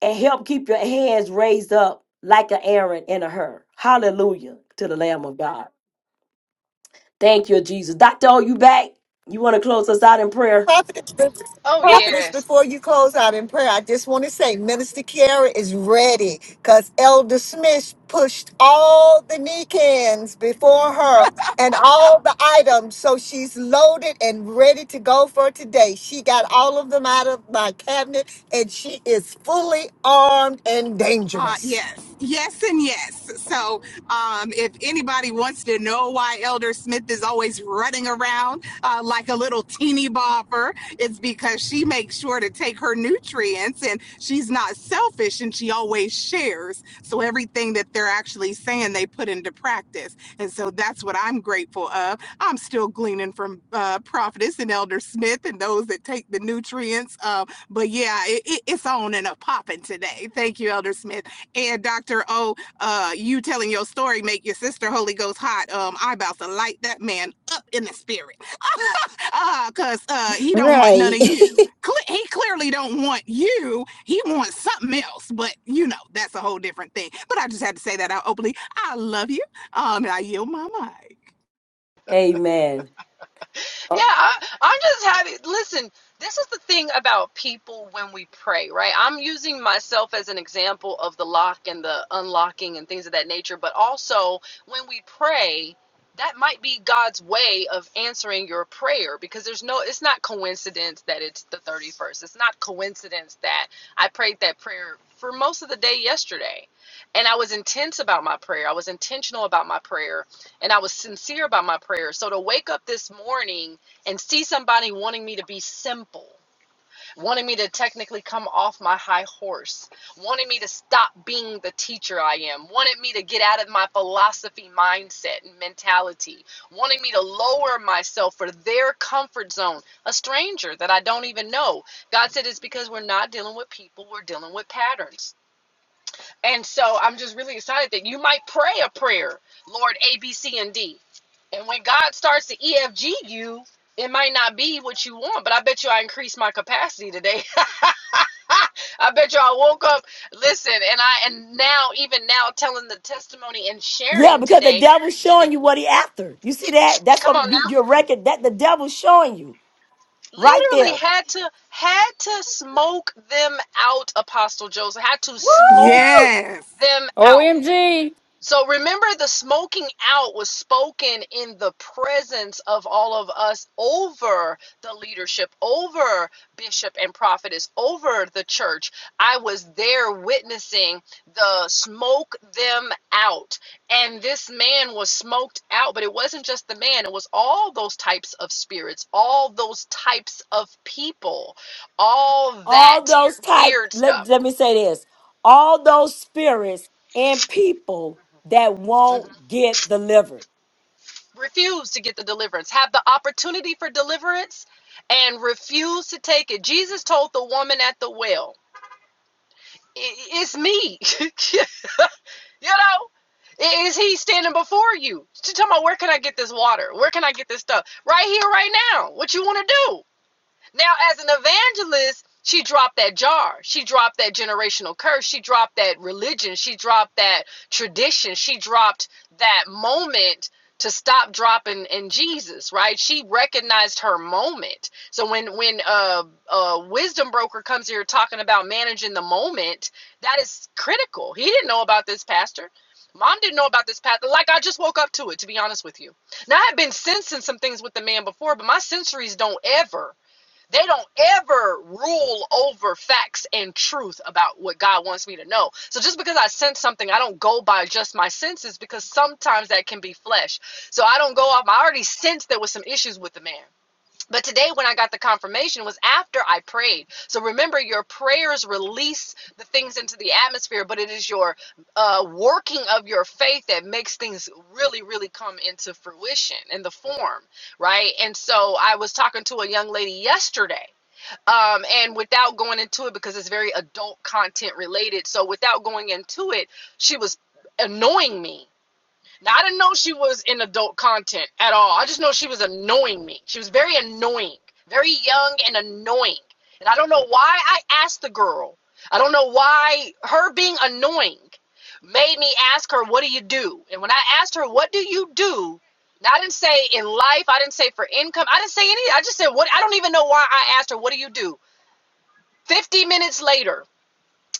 and help keep your hands raised up like an Aaron and a her. Hallelujah to the Lamb of God. Thank you, Jesus. Doctor, oh, you back? You want to close us out in prayer? Prophetess, Oh, prophetess, yes. before you close out in prayer, I just want to say Minister Kiara is ready because Elder Smith pushed all the Nicans before her and all the items. So she's loaded and ready to go for today. She got all of them out of my cabinet and she is fully armed and Uh, dangerous. yes, yes, and yes. So, um, if anybody wants to know why Elder Smith is always running around uh, like a little teeny bopper, it's because she makes sure to take her nutrients and she's not selfish and she always shares. So, everything that they're actually saying, they put into practice. And so, that's what I'm grateful of. I'm still gleaning from uh, Prophetess and Elder Smith and those that take the nutrients uh, but yeah, it, it, it's on and a popping today. Thank you, Elder Smith. And Dr. O, uh, you telling your story make your sister Holy Ghost hot. Um, I about to light that man up in the spirit. uh, cause uh he don't want none Right. of you. Cle- he clearly don't want you. He wants something else, but you know, that's a whole different thing. But I just had to say that out openly. I love you. Um, and I yield my mic. Amen. Uh, Yeah, I, I'm just happy. Listen, this is the thing about people when we pray, right? I'm using myself as an example of the lock and the unlocking and things of that nature, but also when we pray, that might be God's way of answering your prayer because there's no, it's not coincidence that it's the 31st. It's not coincidence that I prayed that prayer for most of the day yesterday. And I was intense about my prayer. I was intentional about my prayer and I was sincere about my prayer. So to wake up this morning and see somebody wanting me to be simple, wanting me to technically come off my high horse, wanting me to stop being the teacher I am, wanted me to get out of my philosophy mindset and mentality, wanting me to lower myself for their comfort zone, a stranger that I don't even know. God said it's because we're not dealing with people, we're dealing with patterns. And so I'm just really excited that you might pray a prayer, Lord A, B, C, and D. And when God starts to EFG you, it might not be what you want, but I bet you I increased my capacity today. I bet you I woke up, listen, and I and now even now telling the testimony and Yeah, sharing because the today. devil's showing you what he after. You see that? That's Come what on you, now. your record. That the devil's showing you right Literally there. had to had to smoke them out, Apostle Joseph. Had to smoke Yes. them out OMG. So remember, the smoking out was spoken in the presence of all of us over the leadership, over bishop and prophetess, over the church. I was there witnessing the smoke them out. And this man was smoked out, but it wasn't just the man, it was all those types of spirits, all those types of people, all that All those type. weird Let stuff. let me say this. All those spirits and people that Mm-hmm. won't get delivered. refuse to get the deliverance, have the opportunity for deliverance, and refuse to take it. Jesus told the woman at the well, It's me. you know? Is he standing before you? She's talking about where can I get this water? Where can I get this stuff? Right here, right now. What you want to do? Now, as an evangelist, she dropped that jar. She dropped that generational curse. She dropped that religion. She dropped that tradition. She dropped that moment to stop dropping in Jesus, right? She recognized her moment. So when when uh, a wisdom broker comes here talking about managing the moment, that is critical. He didn't know about this, pastor. Mom didn't know about this pastor. Like I just woke up to it, to be honest with you. Now I had been sensing some things with the man before, but my sensories don't ever they don't ever rule over facts and truth about what God wants me to know. So just because I sense something, I don't go by just my senses because sometimes that can be flesh. So I don't go off. I already sensed there was some issues with the man. But today, when I got the confirmation, was after I prayed. So remember, your prayers release the things into the atmosphere, but it is your uh, working of your faith that makes things really, really come into fruition in the form, right? And so I was talking to a young lady yesterday um, and without going into it because it's very adult content related so without going into it she was annoying me now i didn't know she was in adult content at all i just know she was annoying me she was very annoying very young and annoying and i don't know why i asked the girl i don't know why her being annoying made me ask her what do you do and when i asked her what do you do now, I didn't say in life. I didn't say for income. I didn't say any. I just said what. I don't even know why I asked her. What do you do? 50 minutes later,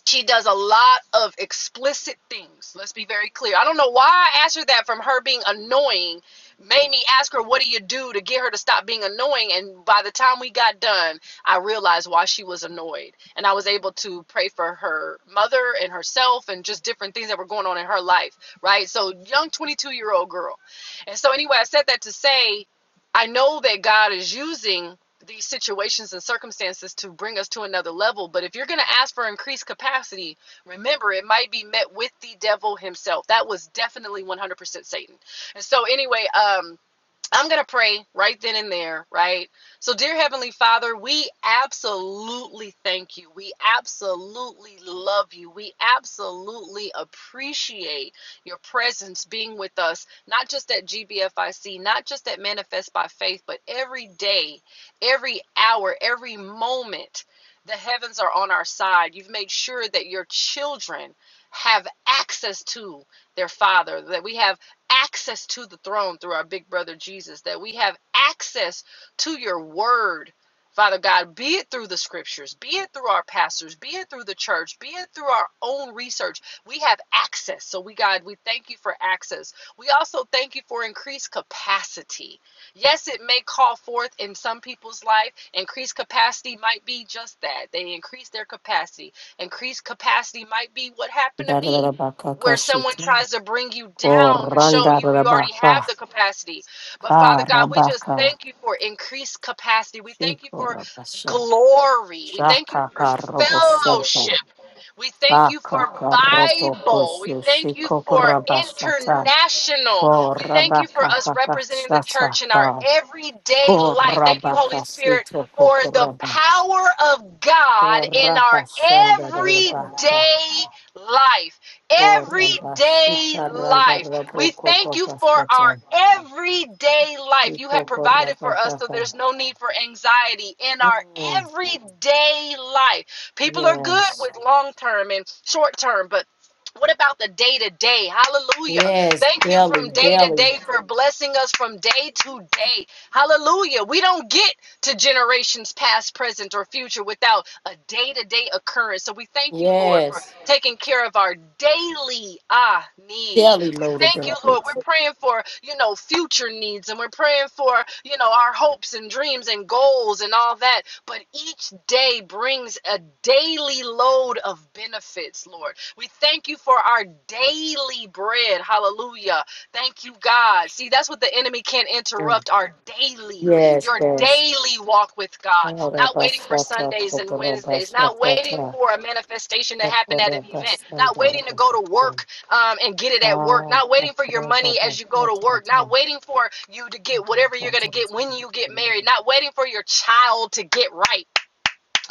she does a lot of explicit things. Let's be very clear. I don't know why I asked her that from her being annoying, made me ask her, What do you do to get her to stop being annoying? And by the time we got done, I realized why she was annoyed. And I was able to pray for her mother and herself and just different things that were going on in her life, right? So, young 22 year old girl. And so, anyway, I said that to say, I know that God is using these situations and circumstances to bring us to another level. But if you're going to ask for increased capacity, remember it might be met with the devil himself. That was definitely 100% Satan. And so, anyway, um, I'm going to pray right then and there, right? So, dear Heavenly Father, we absolutely thank you. We absolutely love you. We absolutely appreciate your presence being with us, not just at GBFIC, not just at Manifest by Faith, but every day, every hour, every moment. The heavens are on our side. You've made sure that your children have access to their Father, that we have access to the throne through our big brother Jesus, that we have access to your word, Father God, be it through the scriptures, be it through our pastors, be it through the church, be it through our own research. We have access. So, we, God, we thank you for access. We also thank you for increased capacity. Yes, it may call forth in some people's life, increased capacity might be just that. They increase their capacity. Increased capacity might be what happened to me where someone Darabakakashito. tries to bring you down to show you you already have the Korandarabakakarabaka. capacity. But Father God, we just thank you for increased capacity. We thank you for Shikorabashan. glory. We thank you for fellowship. Shakakarobosanta. We thank you for Bible. We Akakarobokosyo. thank you for Shikokorabashata. international. We thank you for Korabaka us papa representing the shata church in our pa. everyday life. Thank you, Holy Korabaka Spirit, sito for the kokoraba. power of God in Koraba shanda our rabaka. everyday life. Koraba Everyday shita randa life. rabo We thank koko you for pastata. our everyday life. You have ito provided for us korabaka so ka. there's no need for anxiety in our Mm, everyday life. People are good Yes. with long term and short term, but what about the day to day? Hallelujah. Yes. Thank you Daily, from day to daily. day for blessing us from day to day. Hallelujah. We don't get to generations past, present, or future without a day to day occurrence. So we thank you, Lord, for Yes. taking care of our daily ah needs. Daily We load of thank you, Lord. We're benefits. praying for, you know, future needs and we're praying for, you know, our hopes and dreams and goals and all that. But each day brings a daily load of benefits, Lord. We thank you for our daily bread. Hallelujah. Thank you, God. See, that's what the enemy can't Mm, interrupt our daily Yes, your yes. daily walk with God, not waiting for Korabashata, Sundays and Wednesdays, not waiting korabashata, for a manifestation to happen at an korabashata. event, not waiting to go to work um, and get it at work, Ah, not that's waiting for your all that money I as you go to work, thought of. not waiting for you to Oh, get my whatever you're God, going to I'm get when sorry. you get married, not waiting for your child to get right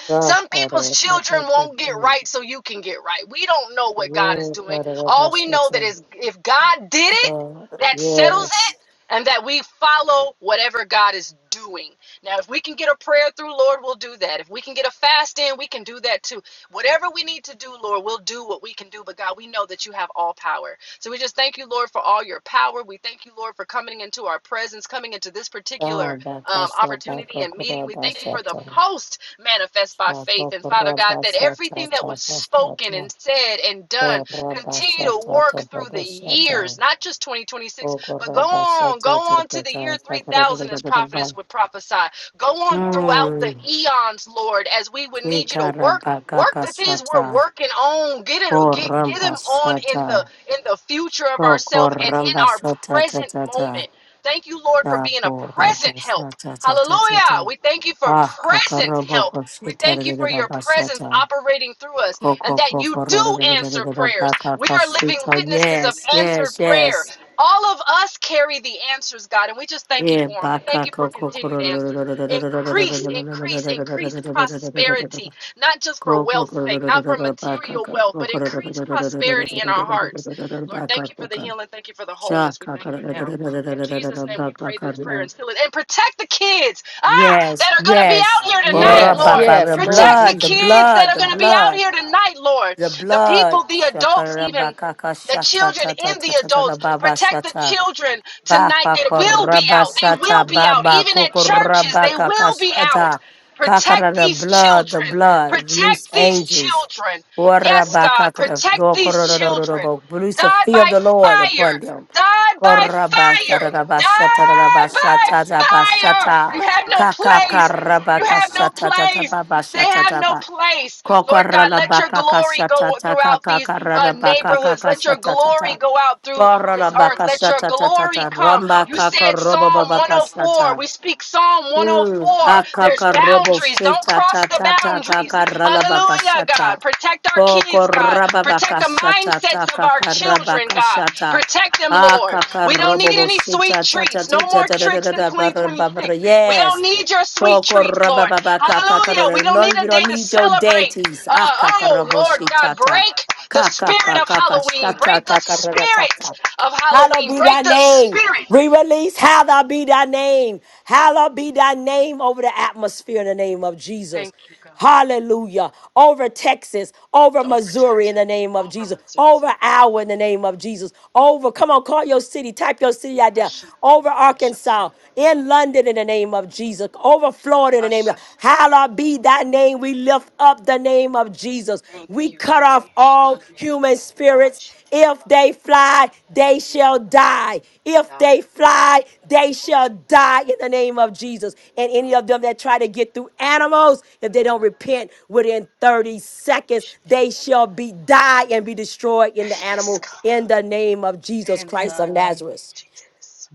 Yeah, some that people's is- that children is- that won't get is- right so you can get right. We don't know what God yeah, is doing. that is- All that's- we know that's that a- is if God did it, sure, that settles Yes. it and that we follow whatever God is doing. Now, if we can get a prayer through, Lord, we'll do that. If we can get a fast in, we can do that too. Whatever we need to do, Lord, we'll do what we can do. But God, we know that you have all power. So we just thank you, Lord, for all your power. We thank you, Lord, for coming into our presence, coming into this particular um, opportunity and meeting. We thank you for the post manifest by faith. And Father God, that everything that was spoken and said and done continue to work through the years, not just 2026, but go on, go on to the year 3000 as prophetess would prophesy. Go on throughout the Mm. eons, Lord, as we would need you to work, work the things Ikarabakakasata. we're working on. Get it, get get Koramba them on in the sata. in the future of Oh, ourselves and koramba in our sata ta present ta ta. moment. Thank you, Lord, for Sha being a present koramba help. sata ta ta ta ta. Hallelujah. We thank you for Ah, present kakarobo help. We koshita thank you for rida your presence basata. operating through us and Koko that you koko do answer rida prayers. baka We are living kashita. witnesses of Yes, answered yes, prayer. yes. All of us carry already the answers, God, and we just thank you Yeah, for them. We thank baka you for koko continued koro answers. Increase, increase, increase prosperity, not just for koko wealth's sake, not for baka material wealth, but increase prosperity in our hearts. Lord, koko thank you for the baka healing. Thank you for the wholeness. We Shaka- thank kara- you da- now. da- da- da- da- da- In da- da- da- Jesus' da- name, ba- we ba- pray ka- this prayer da. and seal it. And protect the kids, ah, Yes, that are going to be yes. out here tonight, Yes, Rabba- Lord. yes, Lord Protect the Blood, the Jesus. kids that blood, are the going to be out blood, here tonight, Lord. the The blood. people, the adults, even Shakarabakaka the shata children tata and the tata tata adults. baba Protect the shata. children tonight. Baka They will be koraba out. They sata will be out. baba Even at churches, kokoraba they will be out. kakashata kakara Protect the these blood the children. blood loose Protect these angels children. Yes, waraba God, kakara protect go these children korororororobo loose the died fear of by the Lord fire, upon them died by koraba fire, tararaba shata tararaba died shata by tararaba fire. shata You have no place. You kakakaraba have no kashata place. tatababa They shata have no taba place. Lord God, let kokoraba your glory kakashata go throughout these uh, takakaraba neighborhoods. Let your kakashata tata glory go out through this earth. Let your glory Korabakashatatata, come. You said Psalm 104. Rambakakarobababakasata. We speak Psalm Mm, 104. There's Akakarobo boundaries. Don't cross the Shetatata boundaries. Hallelujah, Kakaralabakasata. God. Protect our kids, God. Protect the Pokorababakasata mindsets of our children, God. Kakarabakasata. Protect them, Lord. We don't need Akakarobo any sweet Shetatata. treats. No more tricks in 2026. We don't Yes. need your sweet treats, Lord. Hallelujah. We Pokorababakakakar. don't No, need we a day don't to need your celebrate. dentists. Uh, oh, Akakarobo Lord God, Shetata. break the Kaka kaka spirit of kaka Halloween. shata Break the kaka spirit Rata. of Hallowed Halloween. be thy Break the name. spirit. Re-release. Hallowed be thy name. Hallowed be thy name over the atmosphere in the name of Jesus. Hallelujah. Over Texas, over Missouri in the name of Jesus, over our in the name of Jesus, over, come on, call your city, type your city out there, over Arkansas, in London in the name of Jesus, over Florida in the name of, hallowed be thy name morning we lift up the name of Jesus. We cut off all human spirits. If they fly, they shall die. If they fly, they shall die in the name of Jesus. And any of them that try to get through animals, if they don't repent within 30 seconds, they shall be die and be destroyed in the animal in the name of Jesus Christ of Nazareth.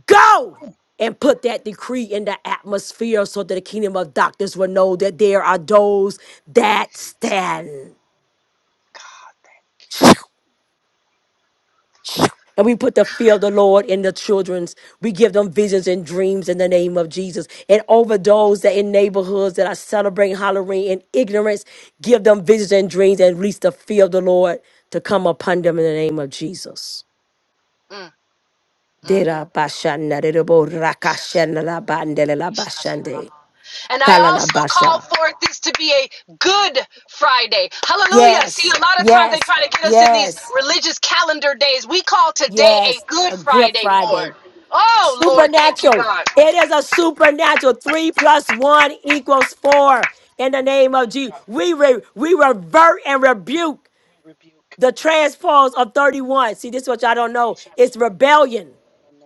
Go and put that decree in the atmosphere so that the kingdom of doctors will know that there are those that stand. And we put the fear of the Lord in the children's. We give them visions and dreams in the name of Jesus. And over those that in neighborhoods that are celebrating Halloween in ignorance, give them visions and dreams and release the fear of the Lord to come upon them in the name of Jesus. Mm. mm. Dera basha narebo rakashana la bandele la bashande. And I Kala la also basha. call forth this to be a good Friday. Hallelujah. See, Yes, a lot of times they yes, try to get us in these yes, religious calendar days. We call today a yes. good A good Friday, Lord. Friday. Oh, Lord, thank you, Supernatural. God. It is a supernatural. Three plus one equals four. In the name of Jesus, we re- we revert and rebuke the transpose of thirty-one. See, this is what y'all don't know. It's rebellion.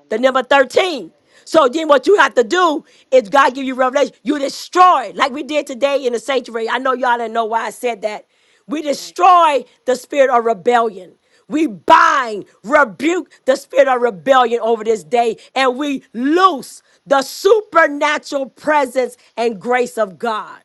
The number 13. So then what you have to do is God give you revelation. You destroy, like we did today in the sanctuary. I know y'all didn't know why I said that. We destroy the spirit of rebellion. We bind, rebuke the spirit of rebellion over this day, and we loose the supernatural presence and grace of God.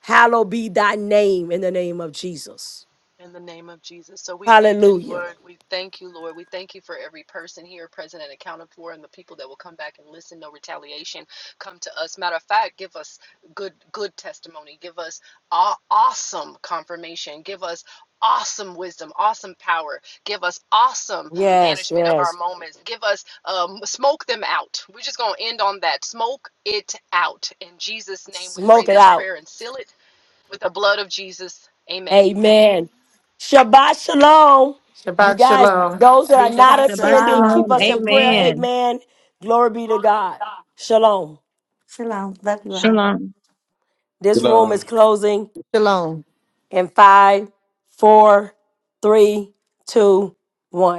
Hallowed be thy name in the name of Jesus. In the name of Jesus. So we thank you, Hallelujah. Lord. We thank you, Lord. We thank you for every person here present and accounted for and the people that will come back and listen. No retaliation come to us. Matter of fact, give us good good testimony. Give us aw- awesome confirmation. Give us awesome wisdom, awesome power. Give us awesome Yes, management of our yes. moments. Give us um, smoke them out. We're just going to end on that. Smoke it out. In Jesus' name, we pray Smoke it this out. prayer and seal it with the blood of Jesus. Amen. Amen. Shabbat shalom. You Shabbat guys, shalom. those that are These- not Shabbat Shabbat attending, keep shalom. shalom. us in prayer. Amen. Amen. Amen. Glory be to God. Shalom. Shalom. Love you all. Shalom. This room loves it. is closing Shalom. in five, four, three, two, one.